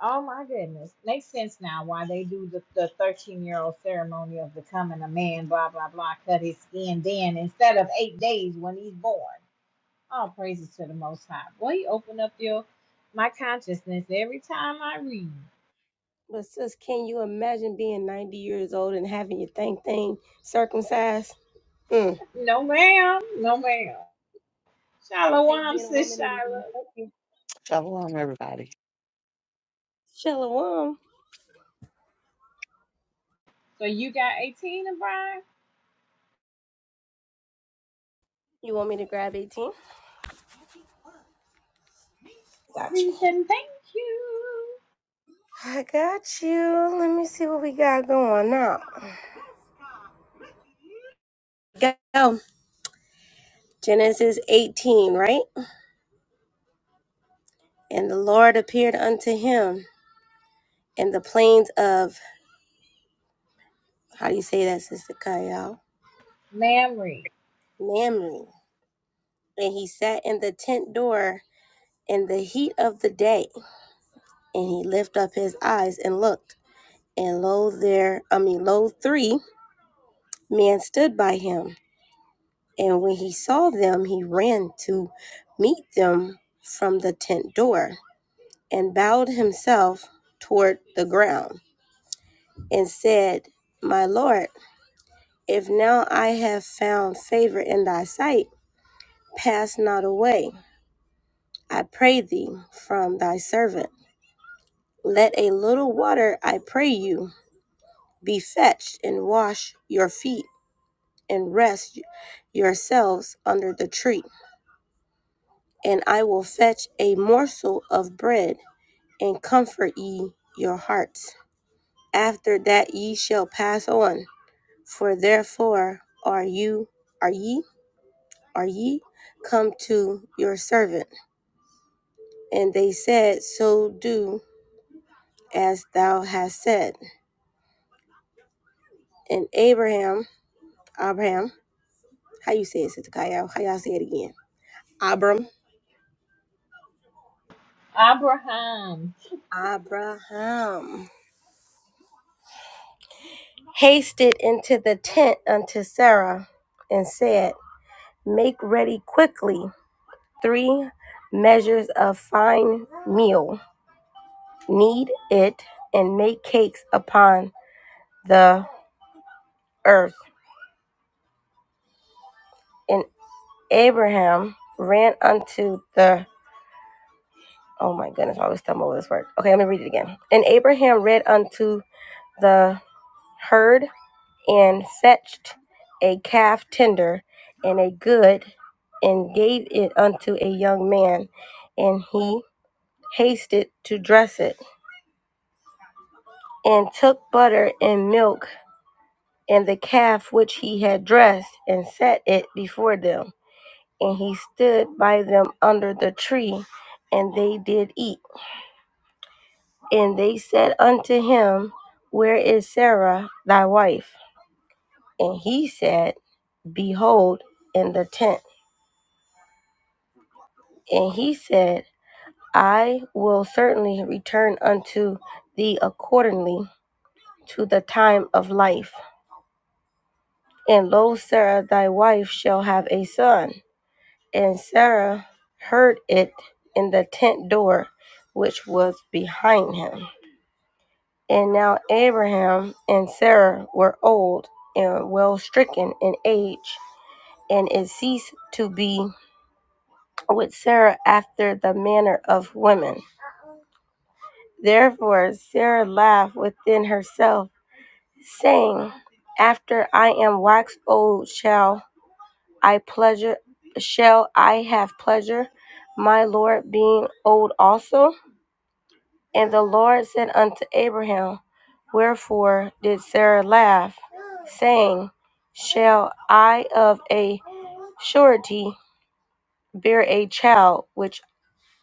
D: Oh my goodness. Makes sense now why they do the, the 13 year old ceremony of becoming a man, blah, blah, blah, cut his skin then instead of eight days when he's born. All praises to the Most High. Boy, you open up your my consciousness every time I read.
C: But sis, can you imagine being 90 years old and having your thing thing circumcised? Mm.
D: No, ma'am. No, ma'am.
C: I'll take
D: Shalom,
C: being a
D: sis
C: woman and
D: Shiloh.
C: thank you.
E: Shalom, everybody.
C: Shalom.
D: So you got 18 and Brian?
C: You want me to grab 18?
D: Please and thank you.
C: I got you. Let me see what we got going now. Go. Genesis 18, right? And the Lord appeared unto him in the plains of, how do you say that, Sister Kayal?
D: Mamrie,
C: Mamre. And he sat in the tent door in the heat of the day, and he lifted up his eyes and looked And lo there, I mean lo three men stood by him, and when he saw them, he ran to meet them from the tent door, and bowed himself toward the ground, and said, My Lord, if now I have found favor in thy sight, pass not away, I pray thee, from thy servant. Let a little water, I pray you, be fetched, and wash your feet and rest yourselves under the tree, and I will fetch a morsel of bread and comfort ye your hearts. After that ye shall pass on, for therefore are you are ye are ye come to your servant. And they said, So do as thou hast said. And Abraham, Abraham, how you say it, Sister Kyle? How y'all say it again? Abram,
D: Abraham,
C: Abraham hasted into the tent unto Sarah and said, Make ready quickly three measures of fine meal, knead it, and make cakes upon the earth. And Abraham ran unto the Oh my goodness, I always stumble over this word. Okay, let me read it again. And Abraham read unto the herd and fetched a calf tender and a good, and gave it unto a young man, and he hasted to dress it, and took butter and milk and the calf which he had dressed, and set it before them. And he stood by them under the tree, and they did eat. And they said unto him, Where is Sarah thy wife? And he said, Behold, in the tent. And he said, I will certainly return unto thee accordingly to the time of life. And lo, Sarah thy wife shall have a son. And Sarah heard it in the tent door which was behind him. And now Abraham and Sarah were old and well stricken in age, and it ceased to be with Sarah after the manner of women. Therefore Sarah laughed within herself saying, After I am waxed old shall I pleasure shall I have pleasure, my Lord being old also? And the Lord said unto Abraham, Wherefore did Sarah laugh, saying, Shall I of a surety bear a child which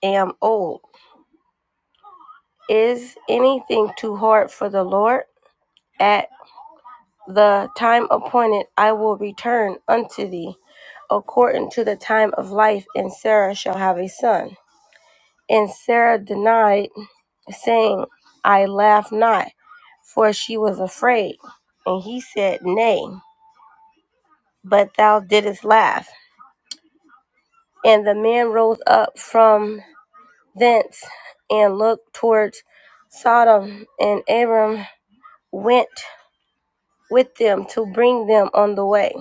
C: am old? Is anything too hard for the Lord? At the time appointed I will return unto thee, according to the time of life, and Sarah shall have a son. And Sarah denied, saying, I laugh not, for she was afraid. And he said, Nay, but thou didst laugh. And the man rose up from thence and looked towards Sodom, and Abram went with them to bring them on the way.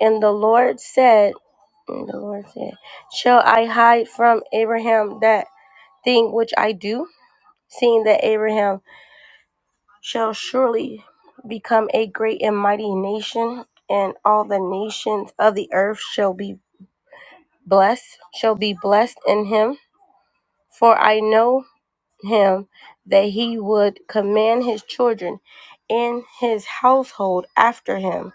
C: And the Lord said, and the Lord said, Shall I hide from Abraham that thing which I do? Seeing that Abraham shall surely become a great and mighty nation, and all the nations of the earth shall be blessed, shall be blessed in him. For I know him that he would command his children and his household after him,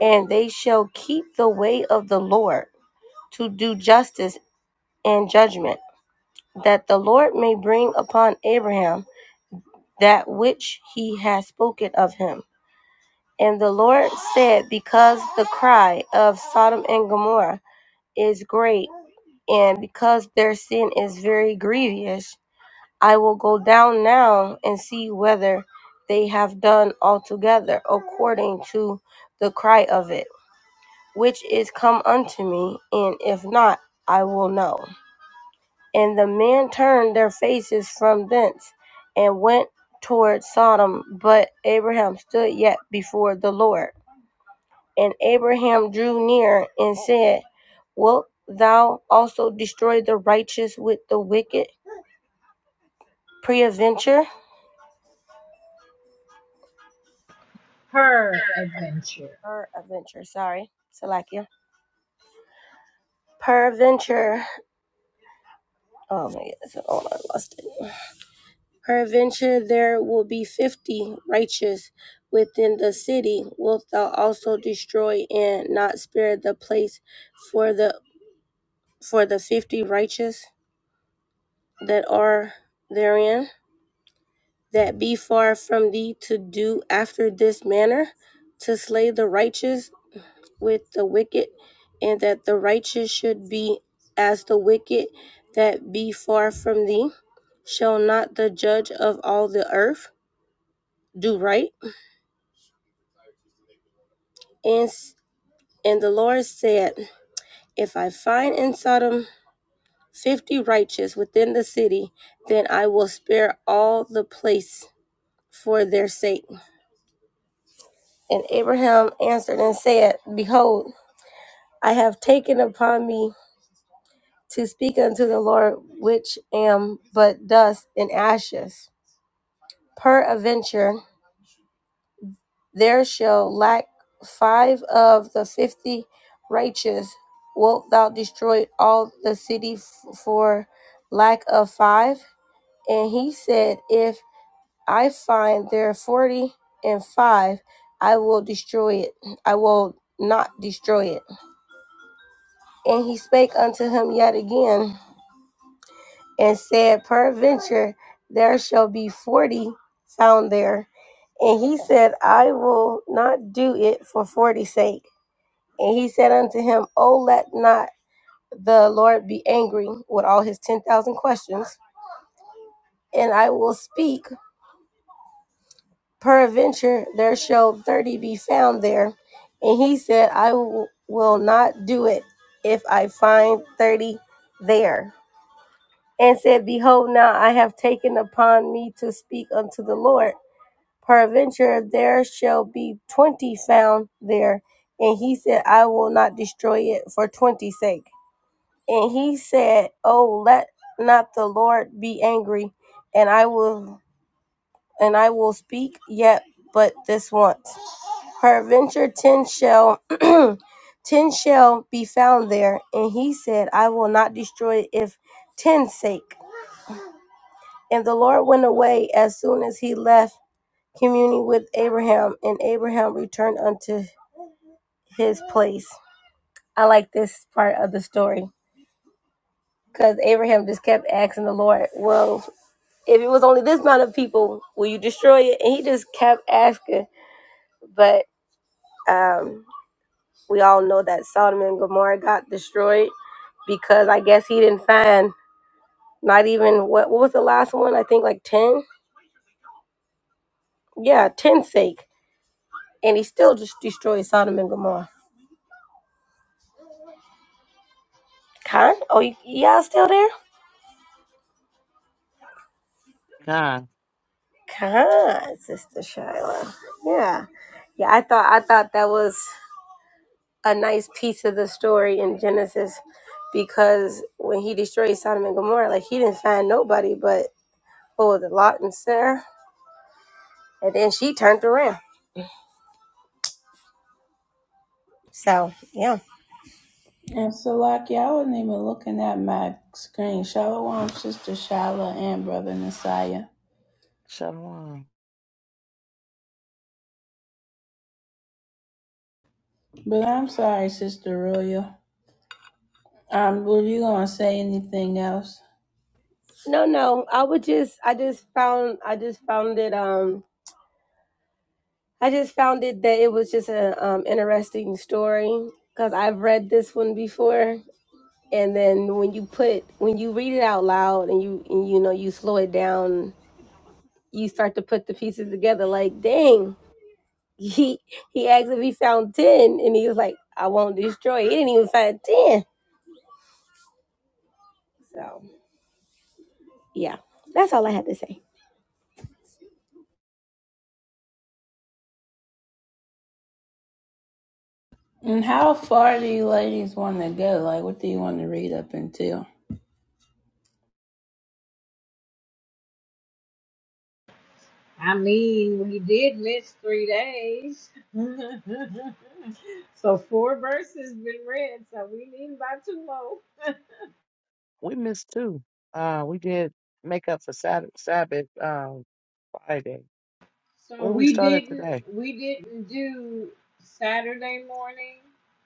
C: and they shall keep the way of the Lord to do justice and judgment, that the Lord may bring upon Abraham that which he has spoken of him. And the Lord said, Because the cry of Sodom and Gomorrah is great, and because their sin is very grievous, I will go down now and see whether they have done altogether according to the cry of it, which is come unto me, and if not, I will know. And the men turned their faces from thence and went toward Sodom. But Abraham stood yet before the Lord. And Abraham drew near and said, Wilt thou also destroy the righteous with the wicked? Preadventure,
D: her adventure.
C: peradventure, sorry, Salakia. Peradventure. Oh my goodness, Oh, I lost it. Peradventure there will be fifty righteous within the city. Wilt thou also destroy and not spare the place for the for the fifty righteous that are therein, that be far from thee to do after this manner, to slay the righteous with the wicked, and that the righteous should be as the wicked that be far from thee? Shall not the judge of all the earth do right? And. And the Lord said, If I find in Sodom fifty righteous within the city, then I will spare all the place for their sake. And Abraham answered and said, Behold, I have taken upon me to speak unto the Lord, which am but dust and ashes. Peradventure, there shall lack five of the fifty righteous. Wilt thou destroy all the city f- for lack of five? And he said, If I find there 40 and 5, I will destroy it. I will not destroy it. And he spake unto him yet again and said, Peradventure there shall be 40 found there. And he said, I will not do it for forty's sake. And he said unto him, "O let not the Lord be angry with all his 10,000 questions, and I will speak. Peradventure there shall thirty be found there. And he said, I w- will not do it if I find thirty there. And said, Behold, now I have taken upon me to speak unto the Lord. Peradventure there shall be twenty found there. And he said, I will not destroy it for twenty's sake. And he said, Oh, let not the Lord be angry, and I will and I will speak yet but this once. Her adventure ten shall ten shall be found there. And he said, I will not destroy it if ten's sake. And the Lord went away as soon as he left communing with Abraham, and Abraham returned unto his place. I like this part of the story. Because Abraham just kept asking the Lord, Well, if it was only this amount of people, will you destroy it? And he just kept asking. But um, we all know that Sodom and Gomorrah got destroyed because I guess he didn't find not even what what was the last one? I think like ten. Yeah, ten sake, and he still just destroyed Sodom and Gomorrah. Khan, oh y- y'all still there?
E: Nah,
C: Khan, sister Shiloh. Yeah, yeah. I thought I thought that was a nice piece of the story in Genesis because when he destroyed Sodom and Gomorrah, like he didn't find nobody but what was it, Lot and Sarah, and then she turned around. So yeah.
A: And so, like, yeah, I wasn't even looking at my screen. Shalom, Sister Shala, and Brother Messiah.
E: shalom.
A: But I'm sorry, Sister Royal. Um, were you gonna say anything else?
C: No, no. I would just I just found I just found it um I just found it that it was just a um interesting story because I've read this one before and then when you put when you read it out loud and you and you know you slow it down you start to put the pieces together like dang he he asked if he found 10 and he was like I won't destroy he didn't even find 10 so yeah that's all I had to say
A: And how far do you ladies want to go? Like, what do you want to read up until?
D: I mean, we did miss three days. so four verses been read, so we need by two more.
E: We missed two. Uh, we did make up for Sabbath, Sabbath um, Friday,
D: So
E: where we
D: we
E: started
D: didn't
E: today.
D: we didn't do Saturday morning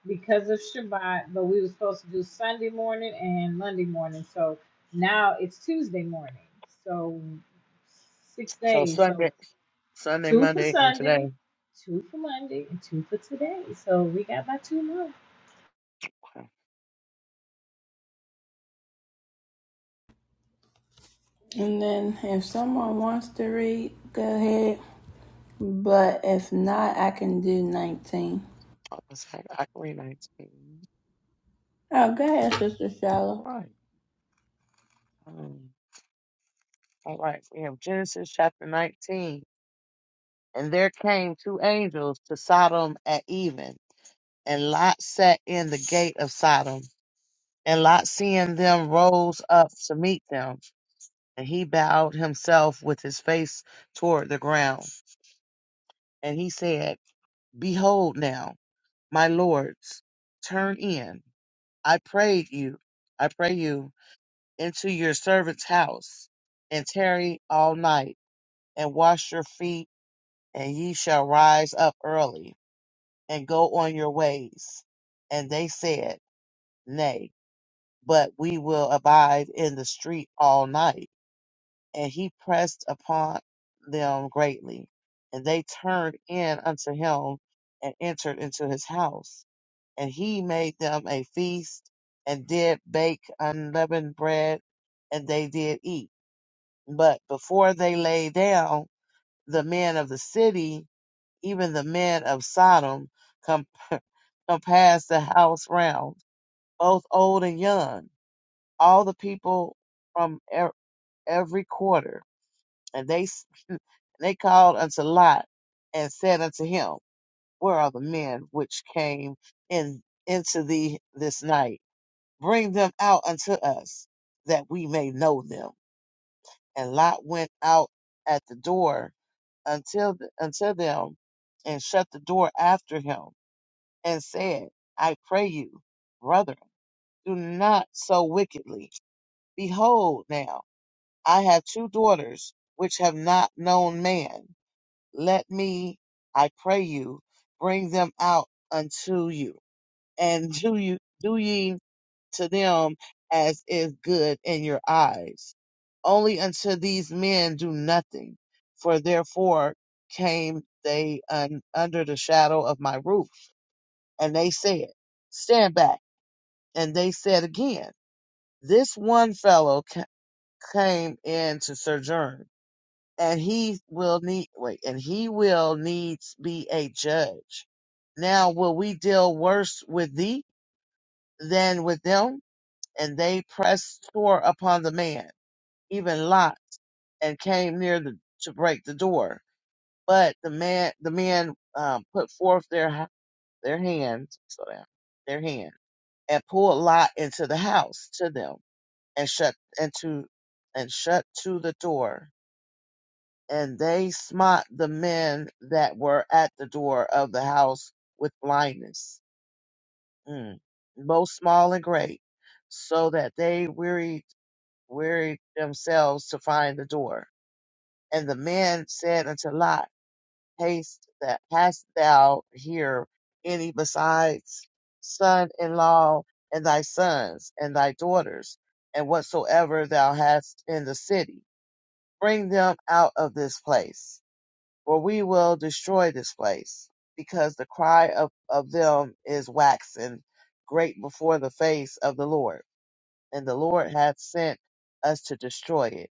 D: because of Shabbat, but we were supposed to do Sunday morning and Monday morning. So now it's Tuesday morning. So six
E: So
D: days. So
E: Sunday, Sunday,
D: two for
E: Monday, and today.
D: Sunday,
E: Wow.
D: two for Monday, and two for today. So we got about two more.
A: And then, if someone wants to read, go ahead. But if not, I can do 19.
E: Oh, that's like October 19.
A: Oh, go ahead, Sister
E: All
A: Shala.
E: right. Um, all right. We have Genesis chapter 19. And there came two angels to Sodom at even, and Lot sat in the gate of Sodom. And Lot, seeing them, rose up to meet them and he bowed himself with his face toward the ground. And he said, Behold now, my lords, turn in, I pray you, I pray you, into your servant's house, and tarry all night, and wash your feet, and ye shall rise up early, and go on your ways. And they said, Nay, but we will abide in the street all night. and he pressed upon them greatly. And they turned in unto him and entered into his house. And he made them a feast and did bake unleavened bread, and they did eat. But before they lay down, the men of the city, even the men of Sodom, com- compassed the house round, both old and young, all the people from e- every quarter and they s- they called unto Lot and said unto him, Where are the men which came in into thee this night? Bring them out unto us, that we may know them. And Lot went out at the door until unto them, and shut the door after him, and said, I pray you, brethren, do not so wickedly. Behold, now I have two daughters which have not known man. Let me, I pray you, bring them out unto you, and do you do ye to them as is good in your eyes. Only unto these men do nothing, for therefore came they un, under the shadow of my roof. And they said, Stand back. And they said again, This one fellow ca- came in to sojourn and he will need wait, and he will needs be a judge. Now will we deal worse with thee than with them? And they pressed sore upon the man, even Lot, and came near the, to break the door. But the man, the men um, put forth their ha- their hand, slow down, their hand, and pulled Lot into the house to them, and shut and to and shut to the door. and they smote the men that were at the door of the house with blindness, mm, both small and great, so that they wearied wearied themselves to find the door. And the men said unto Lot, Haste that hast thou here any besides son in law and thy sons and thy daughters, and whatsoever thou hast in the city, bring them out of this place for we will destroy this place, because the cry of, of them is waxen great before the face of the Lord, and the Lord hath sent us to destroy it.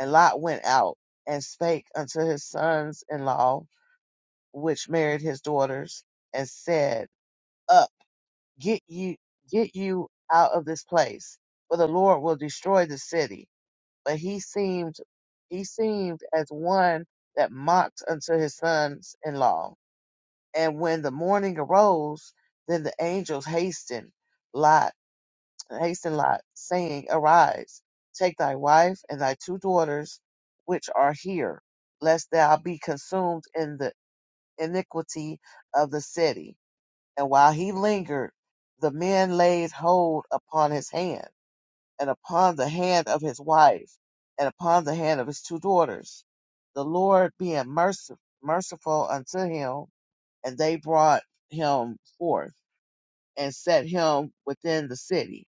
E: And Lot went out and spake unto his sons in law, which married his daughters, and said, Up, get you get you out of this place, for the Lord will destroy the city. But he seemed he seemed as one that mocked unto his sons in law And when the morning arose, then the angels hastened Lot, hastened Lot, saying, Arise, take thy wife and thy two daughters, which are here, lest thou be consumed in the iniquity of the city. And while he lingered, the men laid hold upon his hand, and upon the hand of his wife, and upon the hand of his two daughters. The Lord being merci- merciful unto him, and they brought him forth and set him within the city.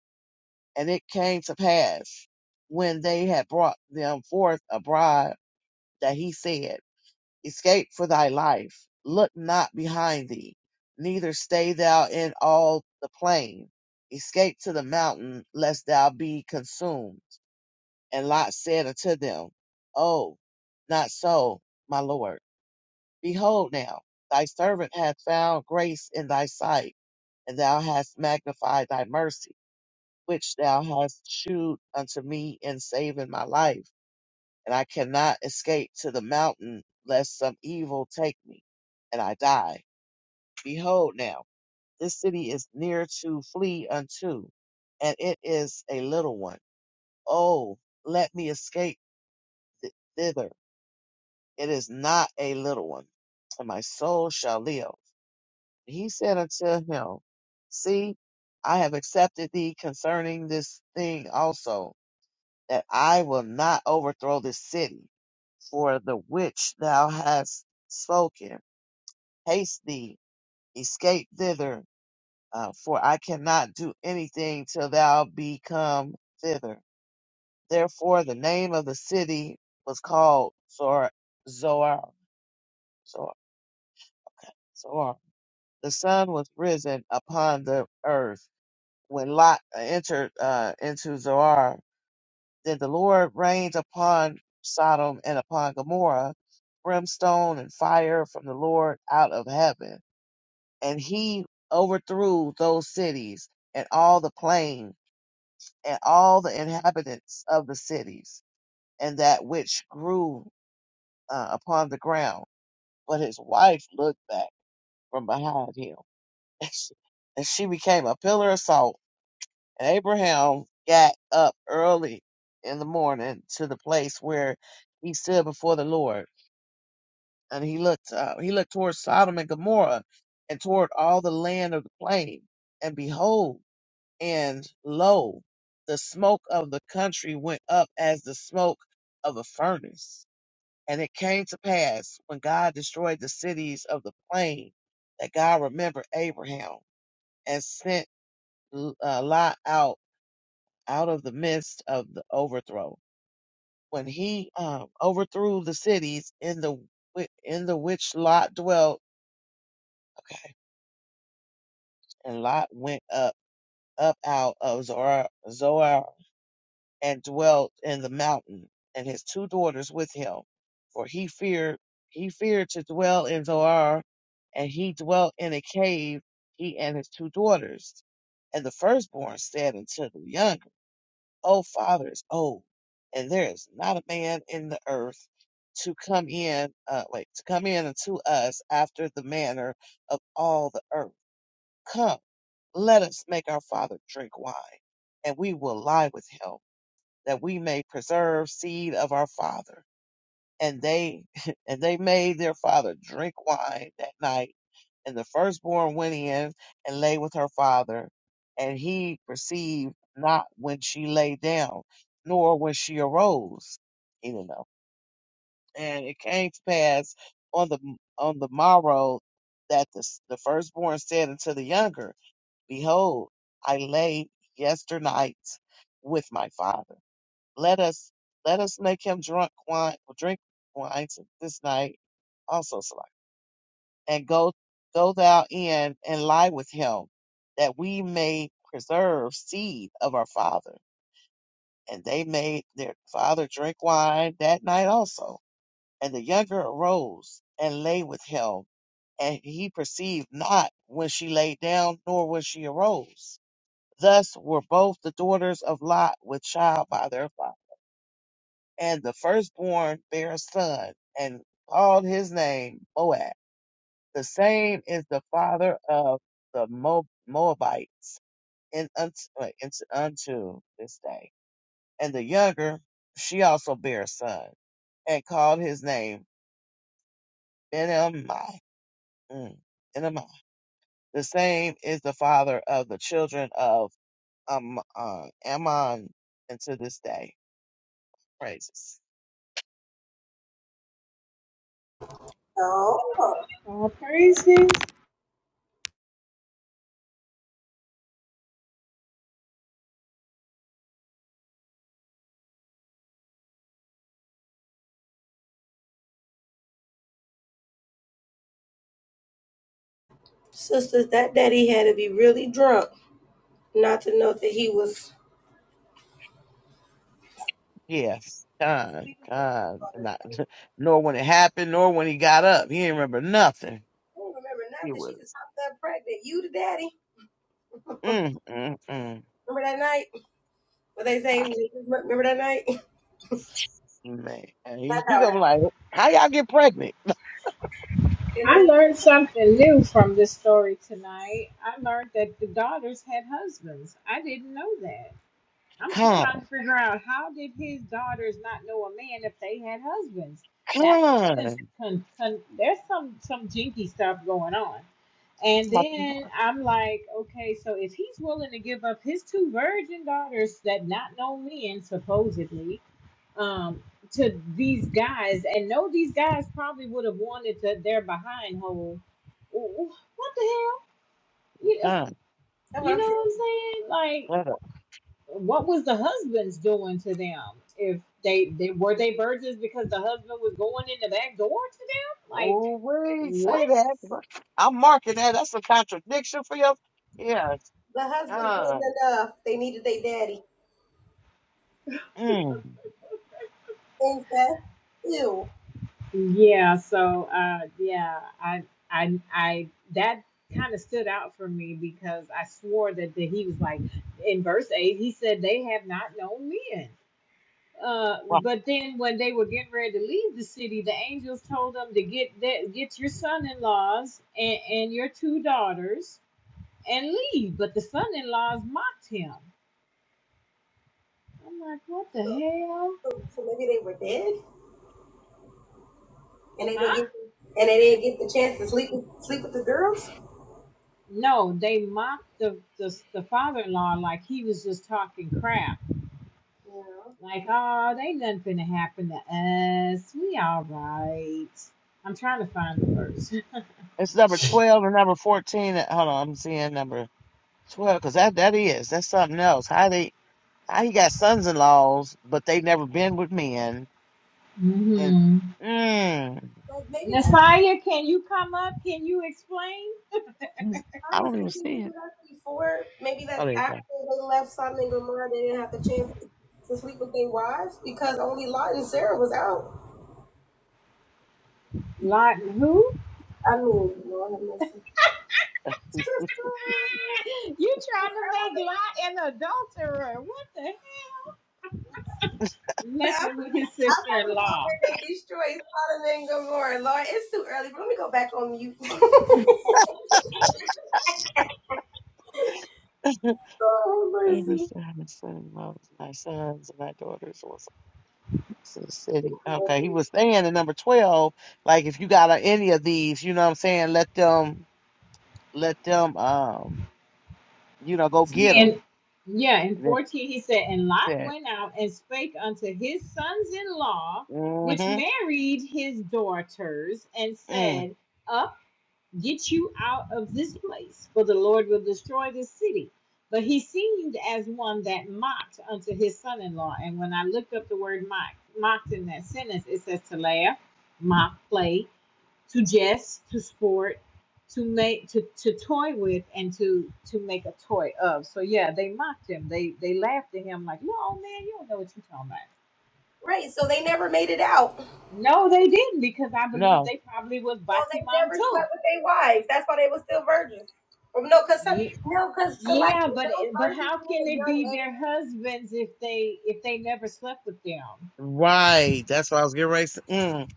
E: And it came to pass when they had brought them forth abroad that he said, Escape for thy life, look not behind thee, neither stay thou in all the plain. Escape to the mountain, lest thou be consumed. And Lot said unto them, Oh, not so, my lord Behold now, thy servant hath found grace in thy sight, and thou hast magnified thy mercy, which thou hast shewed unto me in saving my life. And I cannot escape to the mountain, lest some evil take me, and I die. Behold now, this city is near to flee unto, and it is a little one. Oh, let me escape th- thither. It is not a little one, and my soul shall live. He said unto him, See, I have accepted thee concerning this thing also, that I will not overthrow this city for the which thou hast spoken. Haste thee, escape thither, uh, for I cannot do anything till thou be come thither. Therefore, the name of the city was called Zor, Zoar. Zoar. Zoar. The sun was risen upon the earth when Lot uh, entered uh, into Zoar, then the Lord rained upon Sodom and upon Gomorrah brimstone and fire from the Lord out of heaven. And he overthrew those cities and all the plain and all the inhabitants of the cities and that which grew uh, upon the ground. But his wife looked back from behind him, and she, and she became a pillar of salt Abraham got up early in the morning to the place where he stood before the Lord, and he looked uh, he looked toward Sodom and Gomorrah, and toward all the land of the plain, and behold, and lo, the smoke of the country went up as the smoke of a furnace. And it came to pass when God destroyed the cities of the plain that God remembered Abraham and sent uh, Lot out out of the midst of the overthrow. When he um, overthrew the cities in the whi- in the which Lot dwelt, okay, and Lot went up up out of Zoar, Zoar and dwelt in the mountain, and his two daughters with him, for he feared he feared to dwell in Zoar, and he dwelt in a cave, he and his two daughters. And the firstborn said unto the younger. O Father is old, and there is not a man in the earth to come in, uh, wait, to come in unto us after the manner of all the earth. Come, let us make our Father drink wine, and we will lie with him, that we may preserve seed of our Father. And they, and they made their Father drink wine that night and the firstborn went in and lay with her father, and he perceived not when she lay down, nor when she arose. He did know. And it came to pass on the on the morrow that the, s- the firstborn said unto the younger, Behold, I lay yesternight with my father. Let us let us make him drunk wine, drink wine this night also. so and go go thou in and lie with him, that we may preserve seed of our father. And they made their father drink wine that night also. And the younger arose and lay with him, and he perceived not when she lay down, nor when she arose. Thus were both the daughters of Lot with child by their father. And the firstborn bare a son, and called his name Boaz. The same is the father of the Mo- Moabites in unto, wait, it's unto this day. And the younger, she also bare a son, and called his name Benamai. Mm, Benamai. The same is the father of the children of um, uh, Ammon unto this day. Praises.
C: Oh,
D: All praises.
C: sisters, that daddy had to be really drunk not to know that he was
E: Yes, God,
C: do
E: God, not, nor when it happened, nor when he got up. He didn't remember nothing.
C: remember
E: He
C: nothing. She just
E: was.
C: popped up pregnant. You the daddy.
E: Mm, mm, mm.
C: Remember that night? What they say? Remember that night?
E: Man, he
C: That's how
E: gonna
C: her.
E: be like, how y'all get pregnant?
C: Remember
D: I
C: that
D: learned something new from this story tonight. I learned that the daughters had husbands. I didn't know that. I'm tr-
E: Con,
D: trying to figure out how did his daughters not know a man if they had husbands. That's some cons-
E: con,
D: con- con- there's some some jinky stuff going on. And
E: My-
D: then I'm like, okay, so if he's willing to give up his two virgin daughters that not know men supposedly, um, to these guys and know these guys probably would have wanted to their behind hold. Wh- What the hell? You know,
E: con.
D: you know what I'm saying? Like,
E: uh,
D: what was the husbands doing to them? If they, they were they virgins because the husband was going in the back door to them? Like,
E: Oh, wait,
D: what?
E: say that. I'm marking that. That's a contradiction for you. Yes, con. Mm.
C: thing said? Ew.
D: Yeah. So, uh, yeah, I, I, I that kind of stood out for me because I swore that, that he was like in verse eight. He said they have not known men Uh,
E: Well,
D: but then when they were getting ready to leave the city, the angels told them to get that, get your son-in-laws and, and your two daughters and leave. But the son-in-laws mocked him. I'm like, what the hell?
C: So maybe they were dead and they
D: Huh?
C: didn't get and they didn't get the chance to sleep with sleep with the girls.
D: No, they mocked the, the, the father-in-law like he was just talking crap. Like, oh, they nothing finna happen to us. We all right. I'm trying to find the verse.
E: it's number 12 and number 14. Uh, Hold on, I'm seeing number 12 because that, that is, that's something else. How they, how he got sons-in-laws, but they never been with men. And,
D: Mm-hmm.
E: mm,
C: But maybe that's
D: Messiah, can you come up? Can you explain?
C: I
E: I
C: was
E: don't even
C: thinking
E: see
C: maybe
E: it.
C: that's before. Maybe
E: Oh,
C: that's
E: there you
C: after
E: go.
C: they left Sodom and Gomorrah. They didn't have the chance to to sleep with their wives because only Lot and Sarah was out.
D: Lot who?
C: I mean,
D: You trying to make Lot an adulterer. What the hell? Messing with his sister-in-law.
E: Favors to my son, loves my sons and my daughters, also my son's city. Okay, he was saying in number twelve, like if you got a- any of these, you know what I'm saying, let them, let them, um, you know, go get
D: He
E: them.
D: and yeah, in
E: And it
D: 14 he said, and Lot
E: said,
D: went out and spake unto his sons-in-law, which
E: mm-hmm,
D: married his daughters, and
E: mm,
D: said, Up. Get you out of this place, for the Lord will destroy this city. But he seemed as one that mocked unto his son in law. And when I looked up the word mock, mocked in that sentence, it says to laugh, mock, play, to jest, to sport, to make to, to toy with and to to make a toy of. So yeah, they mocked him. They they laughed at him like, No man, you don't know what you're talking about.
C: right? So they never made it out.
D: No, they didn't, because I believe
E: no,
D: they probably was
C: So they
D: Batiman
C: never
D: too.
C: slept with their wives. That's why they were still virgins. Well, No, cause
D: Yeah,
C: no, cause so like
D: Yeah, but
C: those
D: but
C: virgins
D: how
C: in
D: can
C: a
D: they
C: young
D: be their
C: age,
D: husbands if they if they never slept with them?
E: right. That's what I was getting ready. To, say. mm,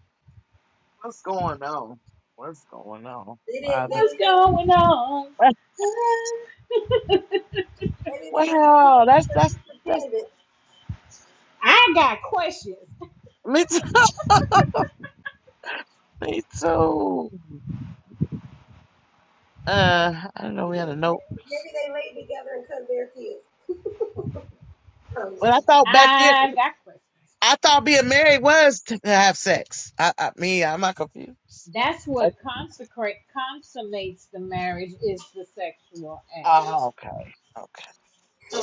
E: what's going on? What's going on,
C: they didn't, they
E: Father?
D: What's
C: didn't,
D: going on?
C: maybe they was maybe
E: Wow,
C: they were
E: that's that's that's
C: pretending.
D: I got questions.
E: me too. Me too. Uh, I don't know. We had a note.
C: Maybe, maybe they laid together and couldn't bear kids. Um,
E: But I
C: so
E: thought back then,
D: I got questions.
E: I thought being married was to have sex. I, I me, I'm not confused.
D: That's
E: I-
D: what consecrate consummates the marriage is the sexual act.
E: Oh, okay, okay.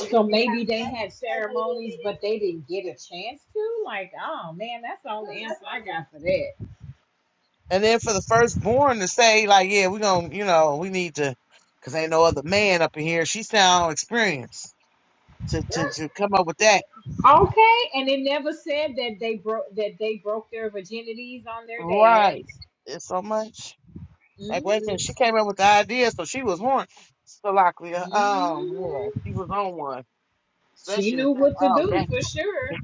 C: they, they, had- so
D: maybe
C: they
D: they had
C: didn't,
D: ceremonies,
C: they
D: but
C: didn't.
D: they didn't get a chance to. Like, oh man, that's the only answer I got for that.
E: And then for the firstborn to say like, yeah, we gonna, you know, we need to, cause ain't no other man up in here. She sound experienced to
C: Yes.
E: to to come up with that.
D: Okay, and it never said that they broke that they broke their virginities on their
E: Right.
D: dad.
E: It's so much. Like, wait a minute,
D: Mm-hmm.
E: she came up with the idea, so she was horny. Salaklia. Um, yeah,
D: Mm-hmm.
E: she was on one.
D: She
E: Especially to
D: knew
E: say,
D: what to
E: oh,
D: do
E: that,
D: for sure.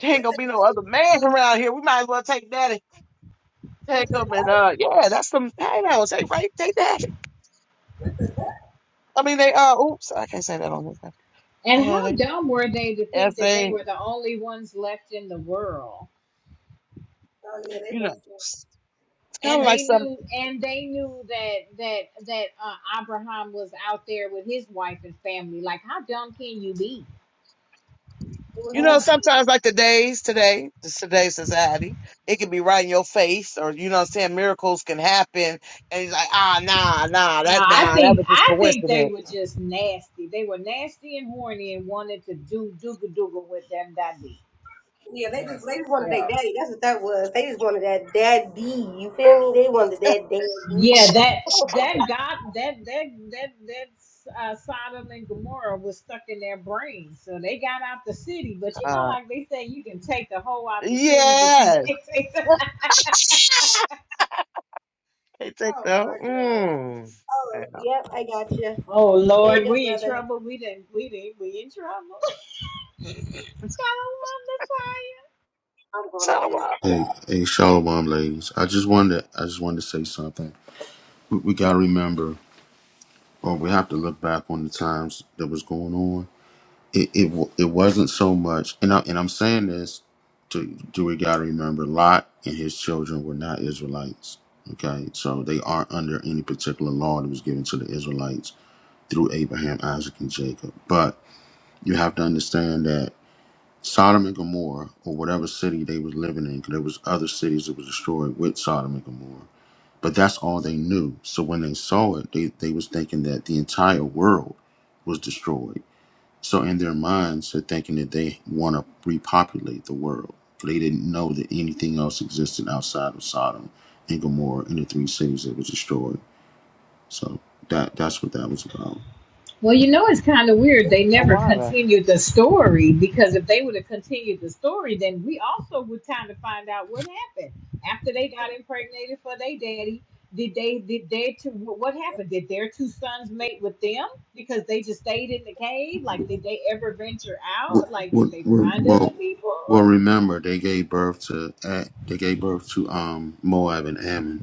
E: there ain't gonna be no other man around here. We might as well take that Take them and uh, yeah, that's some payouts. They right, they that. I mean, they uh, oops, I can't say that on here.
D: And
E: Uh,
D: how
E: they,
D: dumb were they to
E: as
D: think that they
E: they,
D: were the only ones left in the world?
E: you know, it's kind
D: And
E: of like
D: they
E: some,
D: knew, and they knew that that that uh, Abraham was out there with his wife and family. Like, how dumb can you be?
E: you know,
D: Ugh.
E: sometimes like today's today, this today's society, it can be right in your face, or you know, what I'm saying miracles can happen, and he's like, ah, nah, nah,
D: No,
E: that
D: I
E: nah, that
D: think
E: was just
D: I think they
E: coincidence.
D: were just nasty. They were nasty and horny and wanted to do dooga dooga with them. That be
C: Yeah, they just they
D: nasty
C: just wanted their
D: self.
C: daddy. That's what that was. They just wanted that daddy. You feel me? They wanted that daddy.
D: Yeah,
C: Oh
D: that that God that that that that uh, Sodom and Gomorrah was stuck in their brains, so they got out the city. But you know,
E: Uh,
D: like they say, you can take the whole out the city, but you
E: yeah,
D: can't take the.
E: they take the
C: my gosh!
E: mm.
C: Oh
E: Wow.
C: yep, I got you.
D: Oh
C: There you
D: Lord,
C: go,
D: we in
C: brother.
D: trouble. We didn't. We didn't. We in trouble. Shalom,
E: So uh,
F: Hey, hey, Shalom, ladies. I just wanted, I just wanted to say something. We, we gotta remember, or we have to look back on the times that was going on. It, it, wa- it wasn't so much, and I, and I'm saying this to, do we gotta remember, Lot and his children were not Israelites. Okay, so they aren't under any particular law that was given to the Israelites through Abraham, Isaac, and Jacob. But you have to understand that Sodom and Gomorrah, or whatever city they was living in, because there was other cities that was destroyed with Sodom and Gomorrah but that's all they knew. So when they saw it, they, they was thinking that the entire world was destroyed. So in their minds, they're thinking that they want to repopulate the world. They didn't know that anything else existed outside of Sodom and Gomorrah and the three cities that were destroyed. So that that's what that was about.
D: Well, you know, it's kind of weird. They
E: the
D: never
E: water.
D: continued the story because if they would have continued the story, then we also would kind of find out what happened after they got impregnated for their daddy. Did they, did their two, wh- what happened? Did their two sons mate with them because they just stayed in the cave? Like, did they ever venture out?
F: Well,
D: Like, did
F: well,
D: they
F: well,
D: find other
F: well
D: people?
F: well, remember they gave birth to eh, they gave birth to um Moab and Ammon.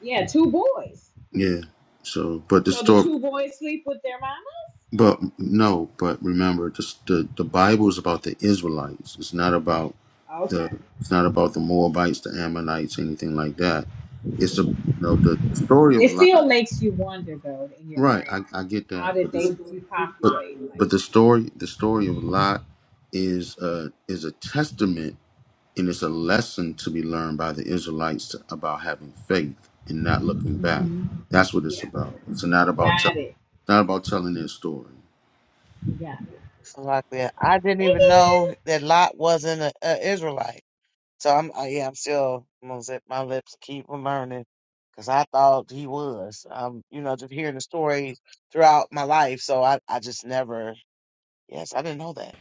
D: Yeah, two boys.
F: Yeah. So, but the
D: So the
F: story.
D: two boys sleep with their mamas?
F: But no, but remember, just the the Bible is about the Israelites. It's not about
D: Okay.
F: the it's not about the Moabites, the Ammonites, anything like that. It's a you know the, the story
D: It
F: of
D: still
F: Lot.
D: makes you wonder though in your
F: Right,
D: brain,
F: I,
D: like,
F: I get
D: how
F: that,
D: did
F: but this,
D: they
F: but
D: repopulate? Like,
F: but the story the story of Lot is uh is a testament and it's a lesson to be learned by the Israelites to, about having faith and not looking back.
D: hmm
F: That's what it's
D: yeah,
F: about. It's not about
D: got
F: tell,
D: it,
F: not about telling their story.
D: you got it.
E: Lot there. I didn't
D: They
E: even know
D: did.
E: that Lot wasn't an Israelite. So I'm, uh, yeah, I'm still I'm gonna zip my lips, keep learning, because I thought he was. Um, you know, just hearing the stories throughout my life, so I, I just never. Yes, I didn't know that.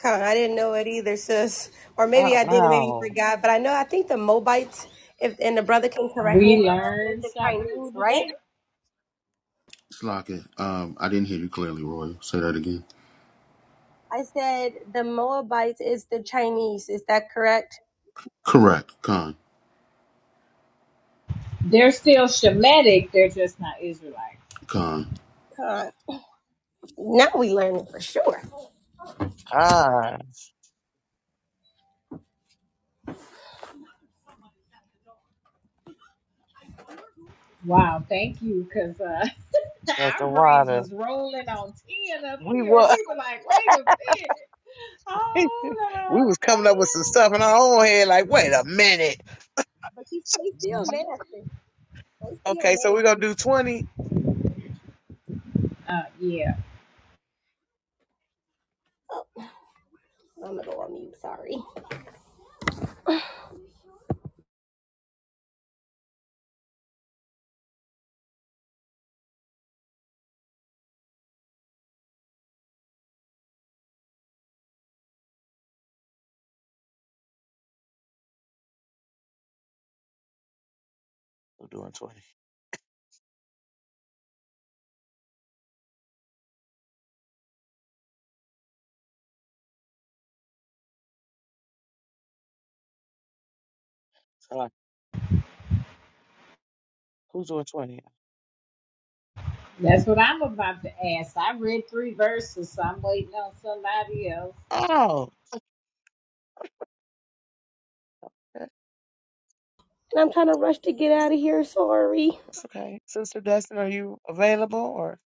C: Con, I didn't know it either, sis. Or
E: Ah,
C: maybe I did, and maybe you
E: wow,
C: forgot. But I know I think the Moabites, if and the brother can correct me if
D: We
C: I'm wrong, is
D: learned
C: the
D: something
C: Chinese,
D: new
C: right?
D: today.
F: Slocky, um, I didn't hear you clearly, Royal, Say that again.
C: I said the Moabites is the Chinese. Is that correct?
F: Correct, Con,
D: They're still Shemitic. They're just not Israelites.
F: Con.
C: Con, now we learning for sure.
E: ah,
D: Wow, thank you, because uh,
E: yes,
D: our
E: the
D: brains
E: water.
D: was rolling on ten up
E: We
D: here, and
E: were
D: we were like, wait a minute.
E: we
D: Hold up,
E: was coming up with some stuff
D: wait
E: in our
D: a
E: own head, like, wait a minute.
C: But he's, they still
D: minute. Mhm.
C: nasty. They still
E: Okay, so we're gonna
C: nasty.
E: do twenty.
D: Uh, yeah.
C: I'm gonna go on mute. Sorry.
E: We're doing twenty. So like, who's doing twenty?
D: That's what I'm about to ask. I read three verses, so I'm waiting on somebody else.
E: Oh.
C: I'm kind of rushed to get out of here. Sorry.
E: That's okay. Sister Destin, are you available or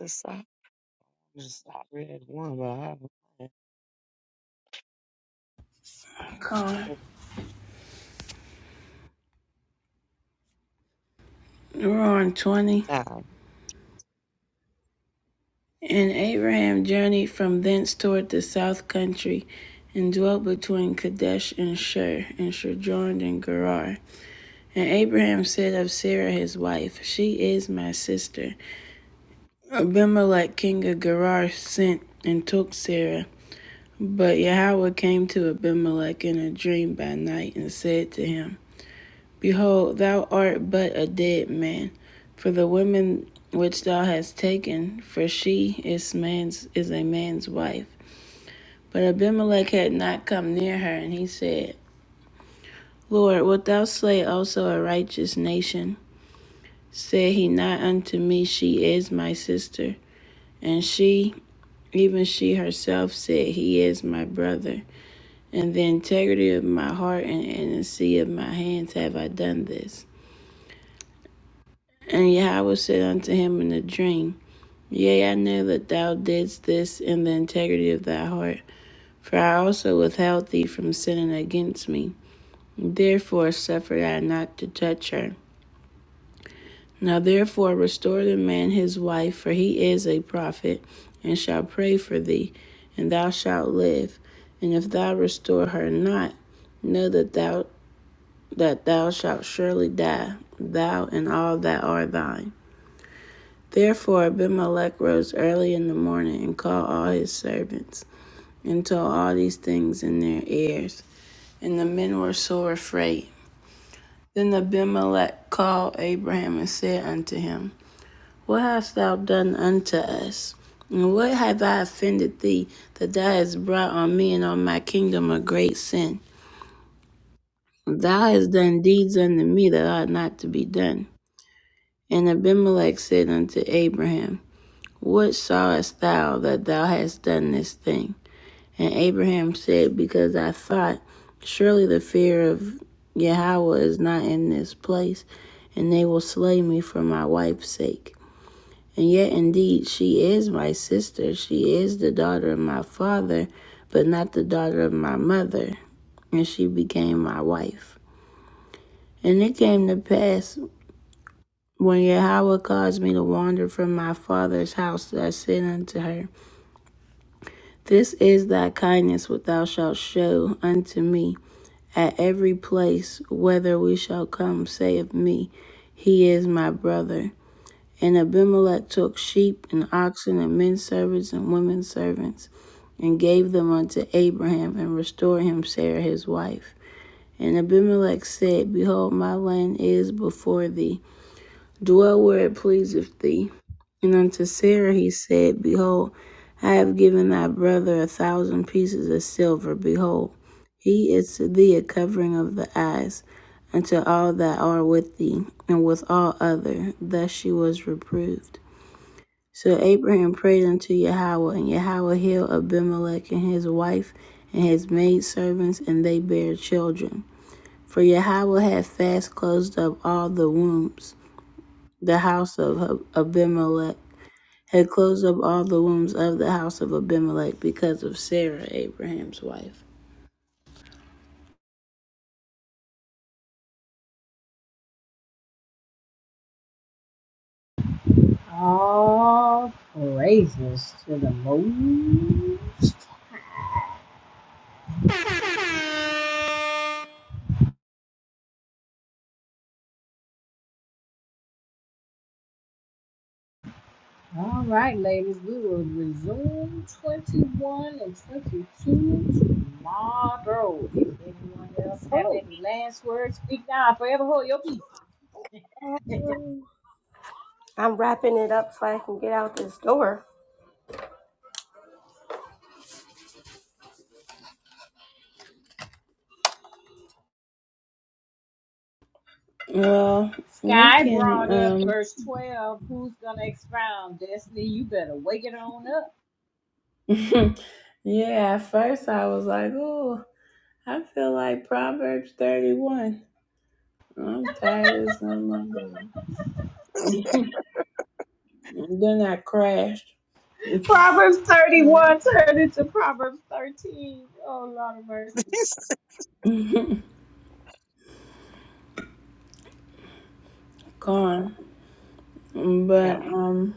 E: this? I just I read one, but I haven't had
A: Come on.
E: a good
A: Ron 20.
E: time.
A: And Abraham journeyed from thence toward the south country, and dwelt between Kadesh and Shur, and sojourned in Gerar. And Abraham said of Sarah his wife, She is my sister. Abimelech king of Gerar sent and took Sarah. But Yahweh came to Abimelech in a dream by night, and said to him, Behold, thou art but a dead man, for the woman which thou hast taken, for she is man's is a man's wife. But Abimelech had not come near her, and he said, Lord, wilt thou slay also a righteous nation? Said he not unto me, She is my sister, and she even she herself said, He is my brother. And the integrity of my heart and in the innocency of my hands have I done this. And Yahweh said unto him in a dream. Yea, I know that thou didst this in the integrity of thy heart, for I also withheld thee from sinning against me. Therefore suffered I not to touch her. Now therefore restore the man his wife, for he is a prophet, and shall pray for thee, and thou shalt live. And if thou restore her not, know that thou that thou shalt surely die, thou and all that are thine. Therefore Abimelech rose early in the morning and called all his servants. And told all these things in their ears. And the men were sore afraid. Then Abimelech called Abraham and said unto him, What hast thou done unto us? And what have I offended thee, that thou hast brought on me and on my kingdom a great sin? Thou hast done deeds unto me that ought not to be done. And Abimelech said unto Abraham, What sawest thou that thou hast done this thing? And Abraham said, Because I thought, surely the fear of Yahweh is not in this place, and they will slay me for my wife's sake. And yet, indeed, she is my sister. She is the daughter of my father, but not the daughter of my mother. And she became my wife. And it came to pass when Yahweh caused me to wander from my father's house that I said unto her, This is thy kindness which thou shalt show unto me at every place whether we shall come, saith me. He is my brother. And Abimelech took sheep and oxen and men servants and women servants and gave them unto Abraham and restored him Sarah his wife. And Abimelech said, Behold, my land is before thee. Dwell where it pleaseth thee. And unto Sarah he said, Behold, I have given thy brother a thousand pieces of silver. Behold, he is to thee a covering of the eyes unto all that are with thee, and with all other. Thus she was reproved. So Abraham prayed unto Yahweh, and Yahweh healed Abimelech and his wife and his maidservants, and they bare children. For Yahweh had fast closed up all the wombs, the house of Abimelech had closed up all the wombs of the house of Abimelech because of Sarah, Abraham's wife.
D: All praises to the Most. All right, ladies, we will resume 21 and 22 tomorrow. If anyone else have any last words, speak now. Forever hold your peace.
C: I'm wrapping it up so I can get out this door.
A: Well, we
D: Sky
A: can,
D: brought up
A: um,
D: verse 12. Who's going to expound? Destiny, you better wake it on up.
A: yeah, at first I was like, oh, I feel like Proverbs 31. I'm tired as oh my God. then I crashed.
D: Proverbs
E: Um,
D: 31 turned into Proverbs 13. Oh, Lord of mercy.
E: okay.
A: Gone.
E: I
A: But,
E: got a
A: um,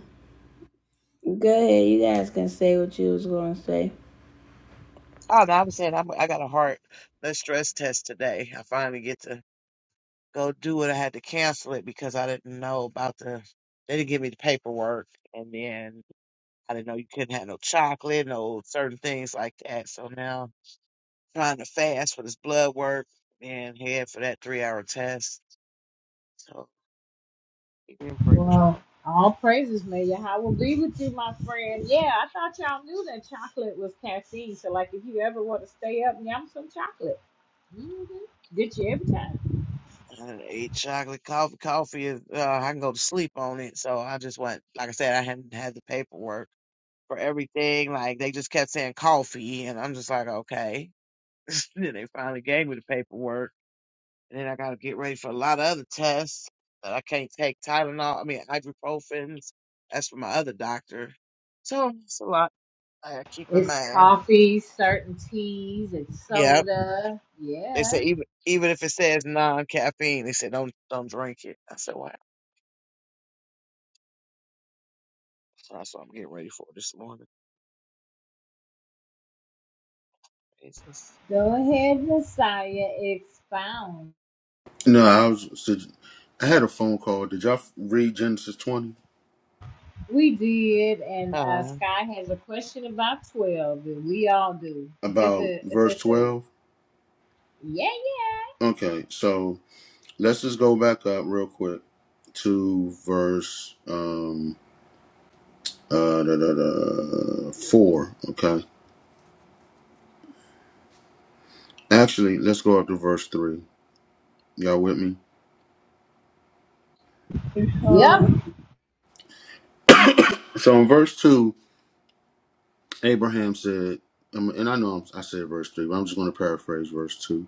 A: go ahead, you guys can say what you was going to say.
E: oh no, I'm saying I'm, I got a heart the stress test today. I finally get to go do it. I had to cancel it because I didn't know about the they didn't give me the paperwork and then I didn't know you couldn't have no chocolate, no certain things like that. So now trying to fast for this blood work and head for that three hour test. So keep me in prayers,
D: Well,
E: y'all.
D: all praises may Yahweh be with you, my friend. Yeah, I thought y'all knew that chocolate was caffeine. So, like, if you ever want to stay up, yum some chocolate. hmm Get you every time.
E: I done ate chocolate coffee. Coffee is uh, I can go to sleep on it. So I just went, like I said, I hadn't had the paperwork for everything. Like they just kept saying coffee, and I'm just like, okay. then they finally gave me the paperwork, and then I got to get ready for a lot of other tests that I can't take Tylenol. I mean ibuprofens. That's for my other doctor. So it's a lot I gotta keep in
D: It's
E: mind.
D: coffee, certain teas, and
E: Yeah,
D: soda.
E: they say
D: Yeah.
E: even even if it says non caffeine, they said don't don't drink it. I said wow. So that's what I'm getting ready for this morning. Jesus.
D: Go ahead, Messiah. Expound.
F: No, I was. sug- I had a phone call. Did y'all read Genesis twenty
D: We did, and uh,
E: God,
D: Sky has a question about 12 and we all do. yeah,
F: about verse twelve?
D: yeah.
F: Okay, so let's just go back up real quick to verse um uh da, da, da, four. Okay, actually, let's go up to verse three. Y'all with me?
D: Yep.
A: Um,
F: So in verse two, Abraham said, um, and I know I said verse three, but I'm just going to paraphrase verse two.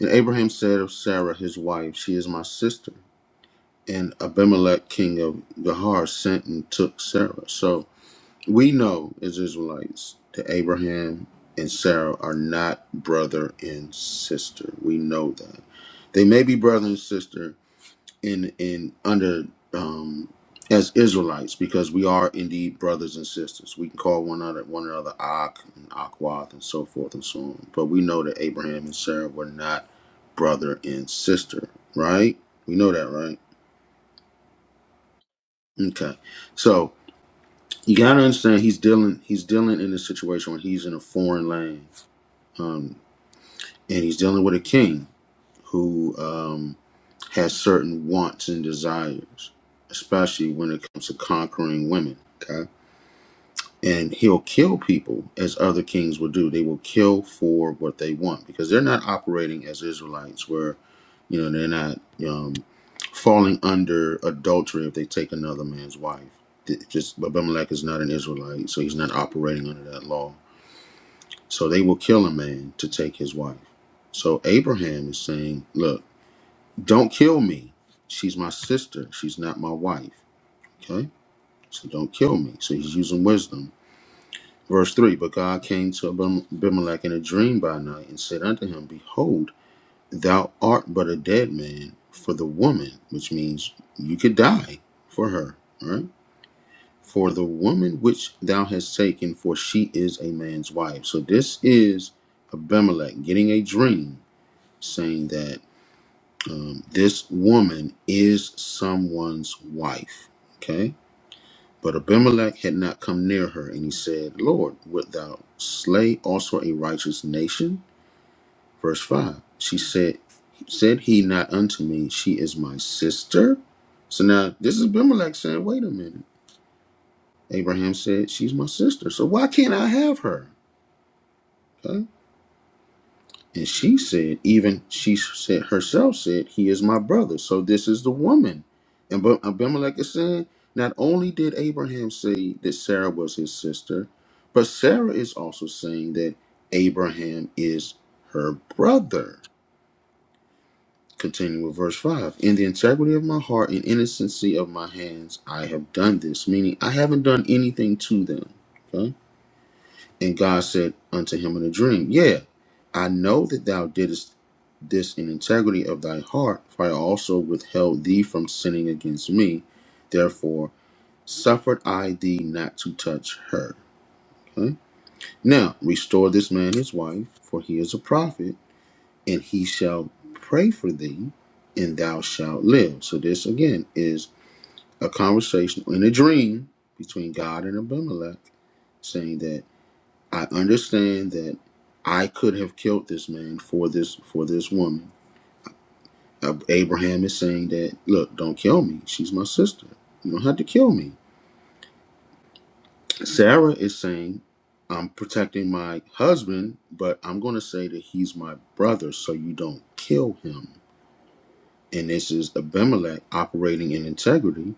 F: And Abraham said of Sarah his wife, She is my sister. And Abimelech, king of Gehar, sent and took Sarah. So we know as Israelites that Abraham and Sarah are not brother and sister. We know that. They may be brother and sister, in in under um, as Israelites because we are indeed brothers and sisters. We can call one another one another Ak and Akwath and so forth and so on. But we know that Abraham and Sarah were not brother and sister, right? We know that, right? Okay. So you gotta understand he's dealing he's dealing in a situation when he's in a foreign land. Um, and he's dealing with a king who Um, has certain wants and desires, especially when it comes to conquering women. Okay. And he'll kill people as other kings will do. They will kill for what they want because they're not operating as Israelites where, you know, they're not um, falling under adultery if they take another man's wife. Th- Just Abimelech is not an Israelite, so he's not operating under that law. So they will kill a man to take his wife. So Abraham is saying, look, don't kill me. She's my sister. She's not my wife. Okay? So don't kill me. So he's using wisdom. Verse 3 But God came to Abim- Abimelech in a dream by night and said unto him, Behold, thou art but a dead man for the woman, which means you could die for her. All right? For the woman which thou hast taken, for she is a man's wife. So this is Abimelech getting a dream saying that Um, this woman is someone's wife. Okay. But Abimelech had not come near her, and he said, Lord, wilt thou slay also a righteous nation? Verse 5. She said, Said he not unto me, She is my sister? So now this is Abimelech saying, Wait a minute. Abraham said, She's my sister. So why can't I have her? Okay? And she said, even she said herself said, He is my brother. So this is the woman. And Ab- Abimelech is saying, not only did Abraham say that Sarah was his sister, but Sarah is also saying that Abraham is her brother. Continue with verse 5. In the integrity of my heart and innocency of my hands, I have done this, meaning I haven't done anything to them. Okay? And God said unto him in a dream, Yeah, I know that thou didst this in integrity of thy heart, for I also withheld thee from sinning against me. Therefore suffered I thee not to touch her. Okay? Now restore this man his wife, for he is a prophet, and he shall pray for thee, and thou shalt live. So this again is a conversation in a dream between God and Abimelech saying that I understand that I could have killed this man for this for this woman. Ab- Abraham is saying that, look, don't kill me. She's my sister. You don't have to kill me. Sarah is saying, I'm protecting my husband, but I'm going to say that he's my brother, so you don't kill him. And this is Abimelech operating in integrity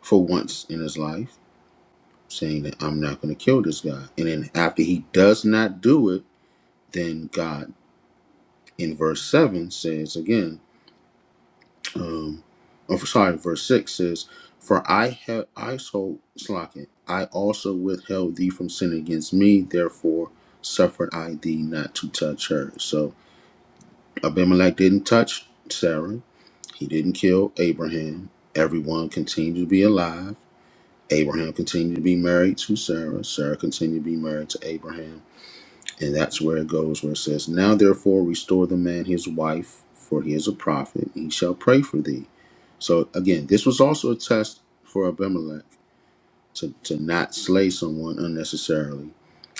F: for once in his life, saying that I'm not going to kill this guy. And then after he does not do it, then God in verse 7 says again, um oh, for- sorry verse 6 says for i have i so slacking i also withheld thee from sin against me therefore suffered i thee not to touch her so abimelech didn't touch sarah he didn't kill abraham everyone continued to be alive abraham continued to be married to sarah sarah continued to be married to abraham and that's where it goes, where it says, Now therefore restore the man his wife, for he is a prophet, and he shall pray for thee. So again, this was also a test for Abimelech to, to not slay someone unnecessarily.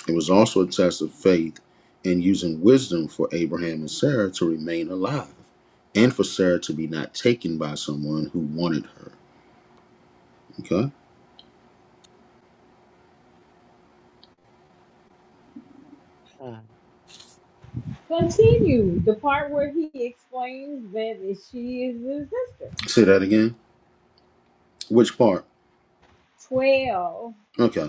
F: It was also a test of faith and using wisdom for Abraham and Sarah to remain alive and for Sarah to be not taken by someone who wanted her. Okay?
E: God,
D: Continue. The part where he explains that she is his sister.
F: Say that again. Which part?
D: 12.
F: Okay.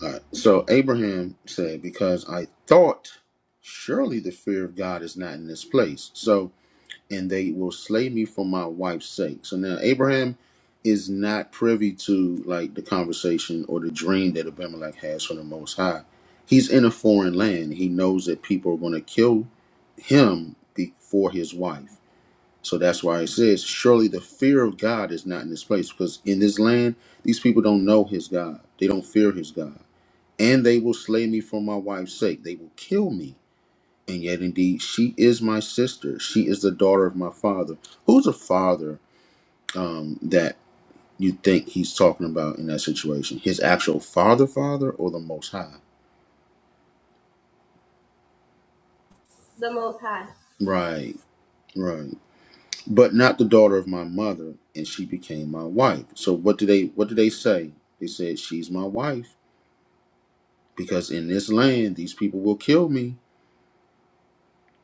F: All right. So Abraham said, Because I thought, surely the fear of God is not in this place. So, and they will slay me for my wife's sake. So now Abraham is not privy to like the conversation or the dream that Abimelech has from the Most High. He's in a foreign land. He knows that people are going to kill him before his wife. So that's why it says, Surely the fear of God is not in this place. Because in this land, these people don't know his God, they don't fear his God and they will slay me for my wife's sake. They will kill me. And yet, indeed, she is my sister. She is the daughter of my father. Who's a father um, that you think he's talking about in that situation? His actual father, father, or the Most High? Right, right. But not the daughter of my mother, and she became my wife. So what do they? What do they say? They said she's my wife because in this land these people will kill me.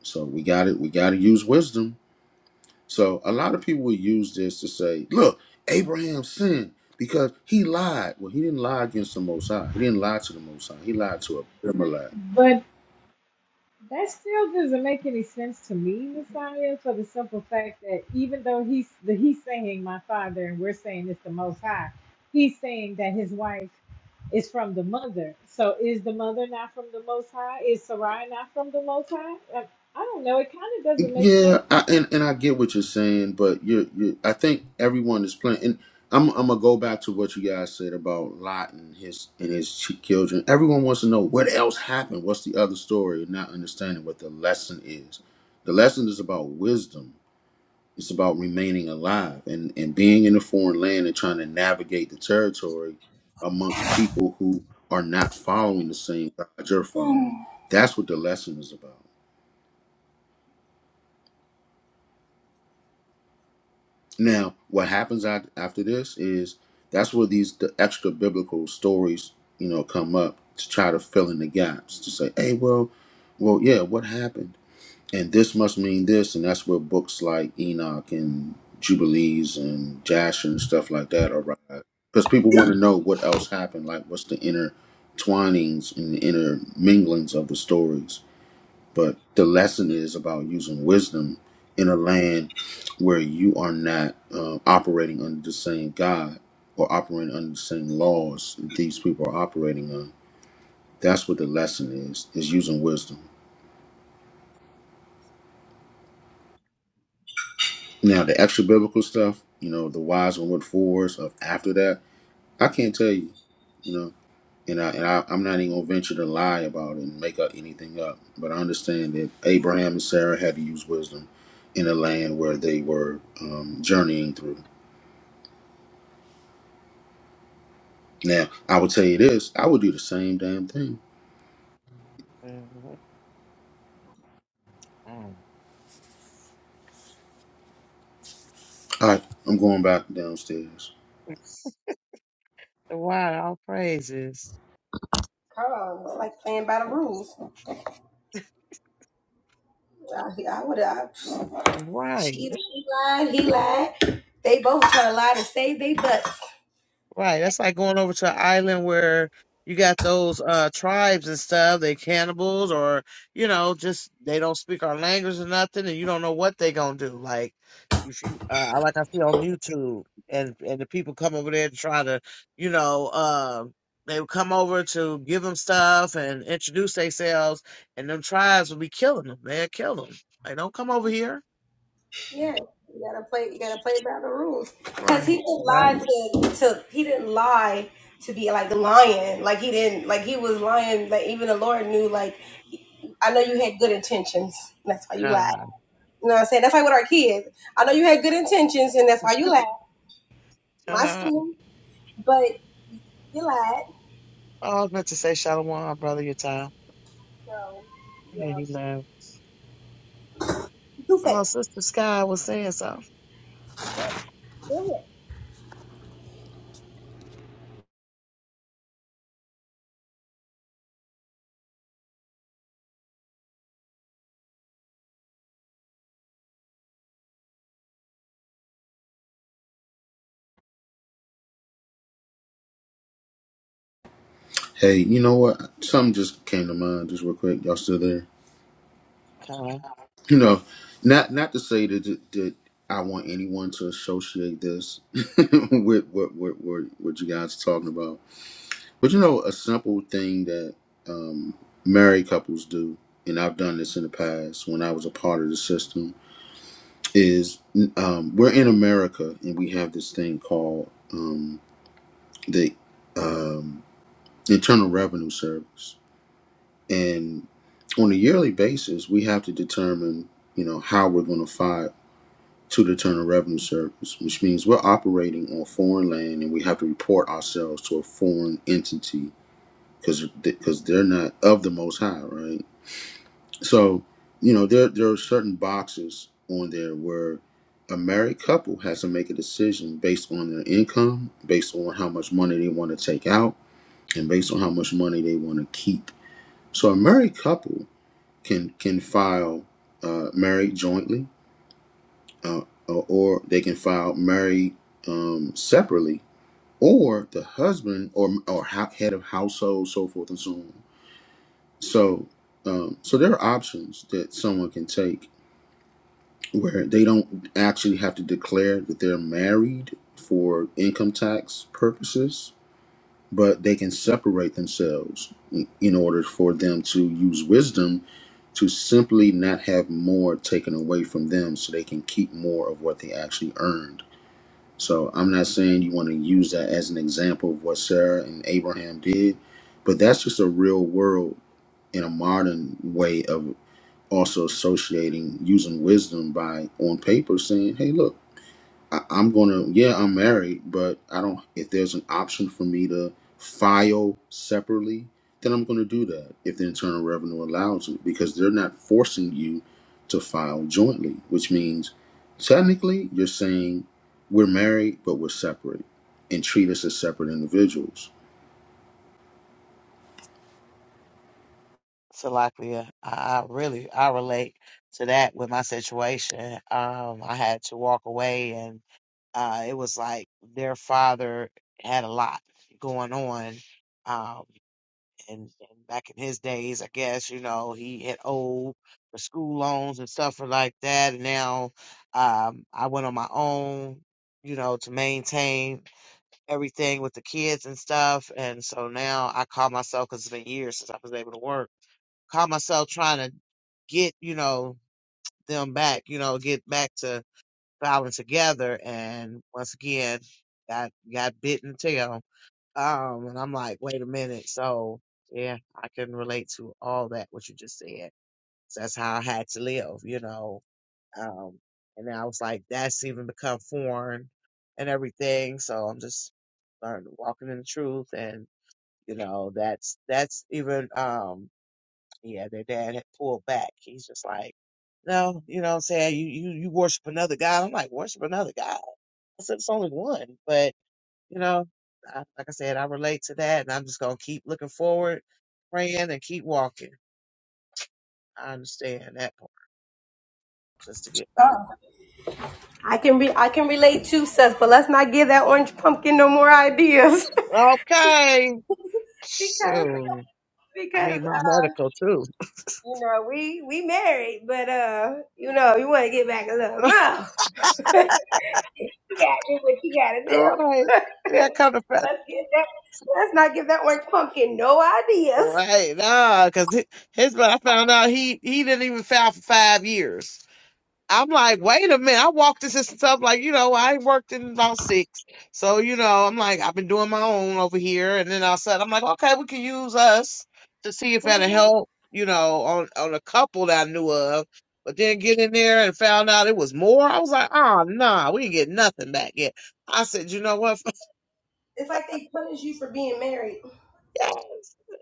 F: So we got it. We got to use wisdom So a lot of people would use this to say, look, Abraham sinned because he lied. Well, he didn't lie against the Most High. He didn't lie to the Most High. He lied to Abimelech.
D: but. That still doesn't make any sense to me, Messiah, for the simple fact that even though he's the, he's saying my father and we're saying it's the most high, he's saying that his wife is from the mother. So is the mother not from the most high? Is Sarai not from the most high? I, I don't know. It kind of doesn't make
F: Yeah,
D: sense.
F: I, and and I get what you're saying, but you you I think everyone is playing. And I'm I'm gonna go back to what you guys said about Lot and his and his ch- children. Everyone wants to know what else happened. What's the other story? And not understanding what the lesson is. The lesson is about wisdom It's about remaining alive and, and being in a foreign land and trying to navigate the territory amongst people who are not following the same God you're following. That's what the lesson is about. Now, what happens at, after this is that's where these the extra biblical stories, you know, come up to try to fill in the gaps to say, hey, well, well, yeah, what happened? and this must mean this, and that's where books like Enoch and Jubilees and Jasher and stuff like that arrive. Because people want to know what else happened, like what's the intertwinings and the inner of the stories. But the lesson is about using wisdom in a land where you are not uh, operating under the same God or operating under the same laws that these people are operating on. That's what the lesson is: is using wisdom. Now the extra biblical stuff, you know, the whys and what fors of after that, I can't tell you, you know, and I and I, I'm not even gonna venture to lie about it and make up anything up. But I understand that Abraham and Sarah had to use wisdom in a land where they were um, journeying through. Now I would tell you this, I would do the same damn thing.
E: God, God.
F: All right, I'm going back downstairs.
E: To all praises.
C: Come on, it's like playing by the rules. I, I would have.
E: Right.
C: She, she lied. He lied. They both try to lie to save their butts.
E: Right. That's like going over to an island where you got those uh tribes and stuff. They cannibals or, you know, just they don't speak our language or nothing and you don't know what they gonna do. Like if you uh I- like I see on YouTube and and the people come over there to try to, you know, uh they would come over to give them stuff and introduce themselves and them tribes would be killing them. They'd kill them. Like, don't come over here.
C: Yeah, you gotta play. You gotta play by the rules. Cause
E: Right.
C: he
E: It's
C: didn't lie
E: about
C: to to. He didn't lie to be like lying. Like he didn't. Like he was lying. Like even the Lord knew. Like I know you had good intentions. and That's why you lied.
E: God.
C: You know what I'm saying? That's like with our kids. I know you had good intentions, and that's why you lied. My
E: God.
C: student, but you lied.
E: Oh, I was meant to say Shalom, brother, your time. Lady Love.
C: You feel
E: Oh, Sister Sky was saying something.
F: Hey, you know what? Something just came to mind, just real quick. Y'all still there?
E: Uh,
F: you know, not not to say that that I want anyone to associate this with what what what what you guys are talking about, but you know, a simple thing that um, married couples do, and I've done this in the past when I was a part of the system, is um, we're in America and we have this thing called um, the um, Internal Revenue Service, and on a yearly basis, we have to determine, you know, how we're going to file to the Internal Revenue Service, which means we're operating on foreign land and we have to report ourselves to a foreign entity because because they're not of the Most High, right? So you know there there are certain boxes on there where a married couple has to make a decision based on their income, based on how much money they want to take out, and based on how much money they want to keep. So a married couple can can file uh, married jointly uh, or or they can file married um, separately, or the husband or or ho- head of household, so forth and so on. So, um, so there are options that someone can take where they don't actually have to declare that they're married for income tax purposes, but they can separate themselves in in order for them to use wisdom to simply not have more taken away from them so they can keep more of what they actually earn So I'm not saying you want to use that as an example of what Sarah and Abraham did, but that's just a real world in a modern way of also associating using wisdom by on paper saying, "Hey, look." I, I'm gonna, yeah, I'm married, but I don't. If there's an option for me to file separately, then I'm gonna do that if the Internal Revenue allows it, because they're not forcing you to file jointly, which means technically you're saying we're married but we're separate, and treat us as separate individuals.
E: Salakia, I, I really I relate to that with my situation. Um, I had to walk away, and uh, it was like their father had a lot going on. Um, and, and back in his days, I guess you know he had owed for school loans and stuff like that. And now, um, I went on my own, you know, to maintain. everything with the kids and stuff. And so now I call myself, because it's been years since I was able to work, call myself trying to get, you know, them back, you know, get back to filing together. And once again, got, got bitten tail. Um, and I'm like, wait a minute. So yeah, I can relate to all that, what you just said. So that's how I had to live, you know, um, and then I was like, that's even become foreign and everything. So I'm just learning, walking in the truth. And, you know, that's, that's even, um, yeah, their dad had pulled back. He's just like, no, you know what I'm saying? You, you, you worship another God. I'm like, worship another God. I said, it's only one, but you know, I, like I said, I relate to that and I'm just going to keep looking forward, praying and keep walking. I understand that part just to get by.
C: I can re- I can relate to sus, but let's not give that orange pumpkin no more ideas
E: Okay.
C: because
E: Shoot. I
C: because
E: need my
C: uh
E: medical too.
C: you know we we married, but uh you know you want to get back a little more. you gotta do what you gotta do.
E: right. That kind of fact.
C: let's get that. Let's not give that orange pumpkin no ideas.
E: Right. Nah, because his, but I found out he, he didn't even file for five years. I'm like, wait a minute. I walked this and stuff like, you know, I ain't worked in about six. So, you know, I'm like, I've been doing my own over here. And then all of a sudden, I'm like, okay, we can use us to see if that'll
C: Mhm.
E: help, you know, on, on a couple that I knew of. But then get in there and found out it was more. I was like, oh, nah, we didn't get nothing back yet. I said, you know what? Yes.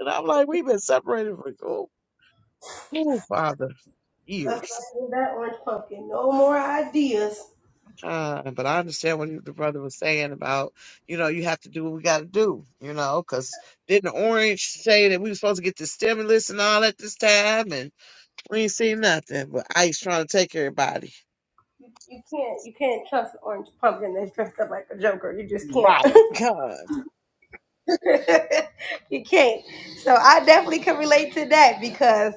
E: And I'm like, we've been separated for oh, oh, Father, years. Uh, but I understand what the brother was saying about, you know, you have to do what we got to do, you know, because didn't Orange say that we were supposed to get the stimulus and all at this time, and we ain't seen nothing. But Ice trying to take everybody.
C: You, you can't you can't trust an orange pumpkin that's dressed up like a joker. You just can't.
E: Right. God.
C: you can't. So I definitely can relate to that because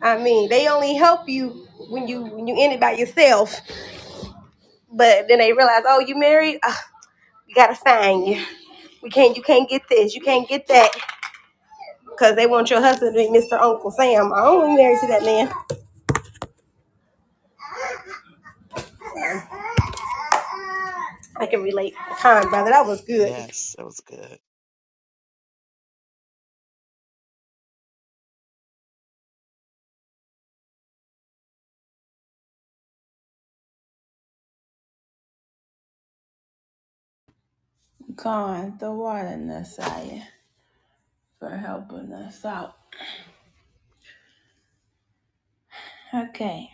C: I mean they only help you when you when you in it by yourself. But then they realize, oh, you married? Ugh, we gotta sign you. We can't you can't get this, you can't get that, because they want your husband to be Mr. Uncle Sam. I only married to that man. I can relate. Con brother, that was good.
E: Yes, it was good.
A: Con, the water Messiah, for helping us out. Okay.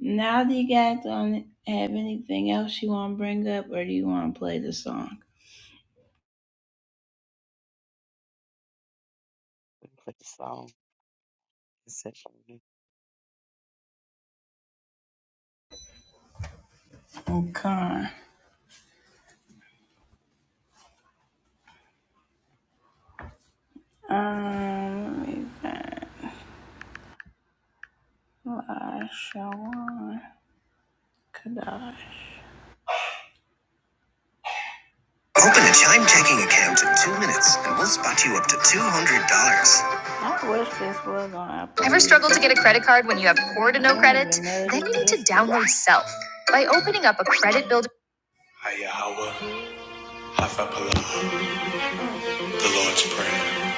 A: Now do you guys don't have anything else you want to bring up, or do you want to play the song?
E: Put the song. It said,
A: Okay. Um, let me find La Shawan Kadash. Open a Chime checking account in two minutes, and we'll spot you up to two hundred dollars. I wish this was on Apple. Hayahawa, Hafapala, the Lord's Prayer.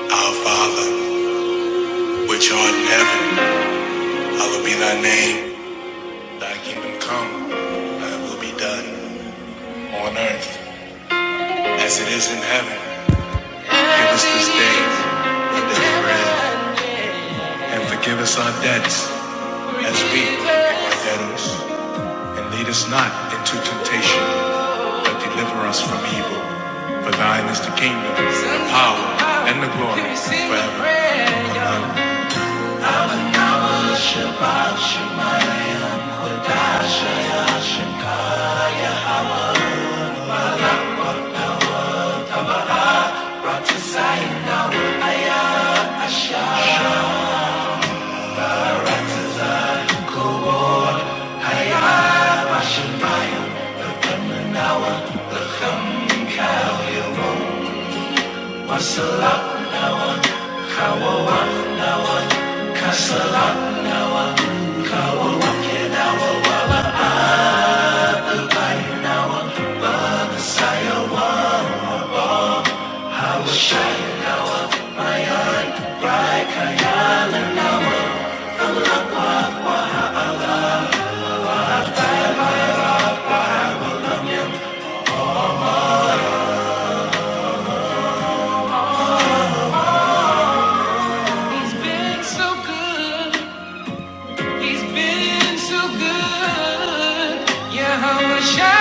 A: Our Father, which art in heaven, hallowed be thy name. Thy kingdom come, thy will be done on earth as it is in heaven. Give us this day our daily bread, and forgive us our debts as we forgive our debtors. And lead us not into temptation, but deliver us from evil. For thine is the kingdom, the power, and the glory forever. Amen. He's been so good. He's been so good. Yeah, I wish I.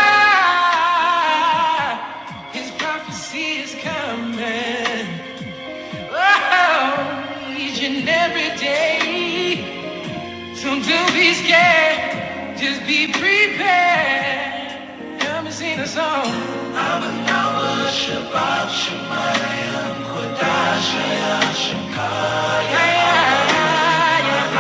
A: His prophecy is coming. Oh, each and every day. So don't be scared. Just be prepared. Come and sing a song. I'm a power Shabbat Shabbat. Yeah, yeah, yeah.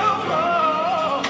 A: Oh, oh, oh, oh.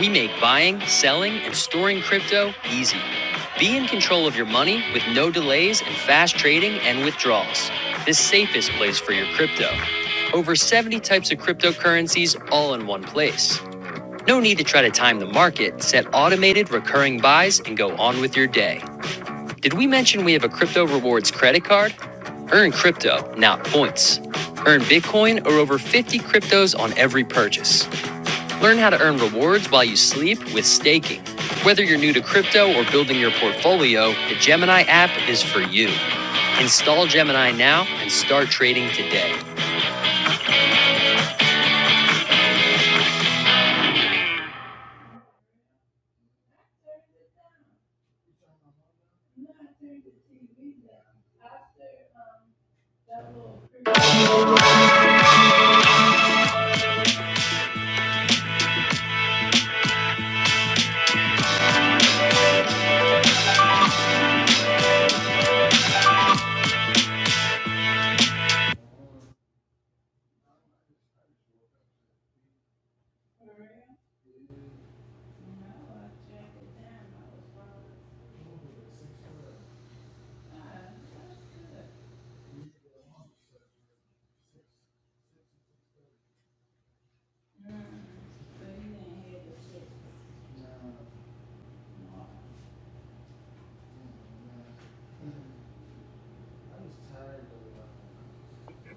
A: We make buying, selling, and storing crypto easy. Be in control of your money with no delays and fast trading and withdrawals. The safest place for your crypto. Over 70 types of cryptocurrencies all in one place. No need to try to time the market. Set automated recurring buys and go on with your day. Did we mention we have a crypto rewards credit card? Earn crypto, not points. Earn Bitcoin or over 50 cryptos on every purchase. Learn how to earn rewards while you sleep with staking. Whether you're new to crypto or building your portfolio, the Gemini app is for you. Install Gemini now and start trading today.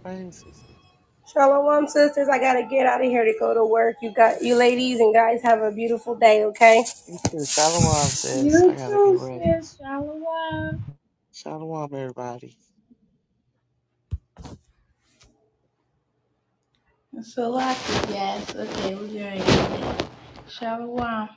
E: Praises.
C: Shalom, sisters. I gotta get out of here to go to work. You got you ladies and guys have a beautiful day, okay?
E: You too. Shalom says, I
D: You
E: got to get
D: too,
E: ready.
D: sis Shalom.
E: Shalom, everybody.
A: So lock yes. Okay, we're doing it. Shower one.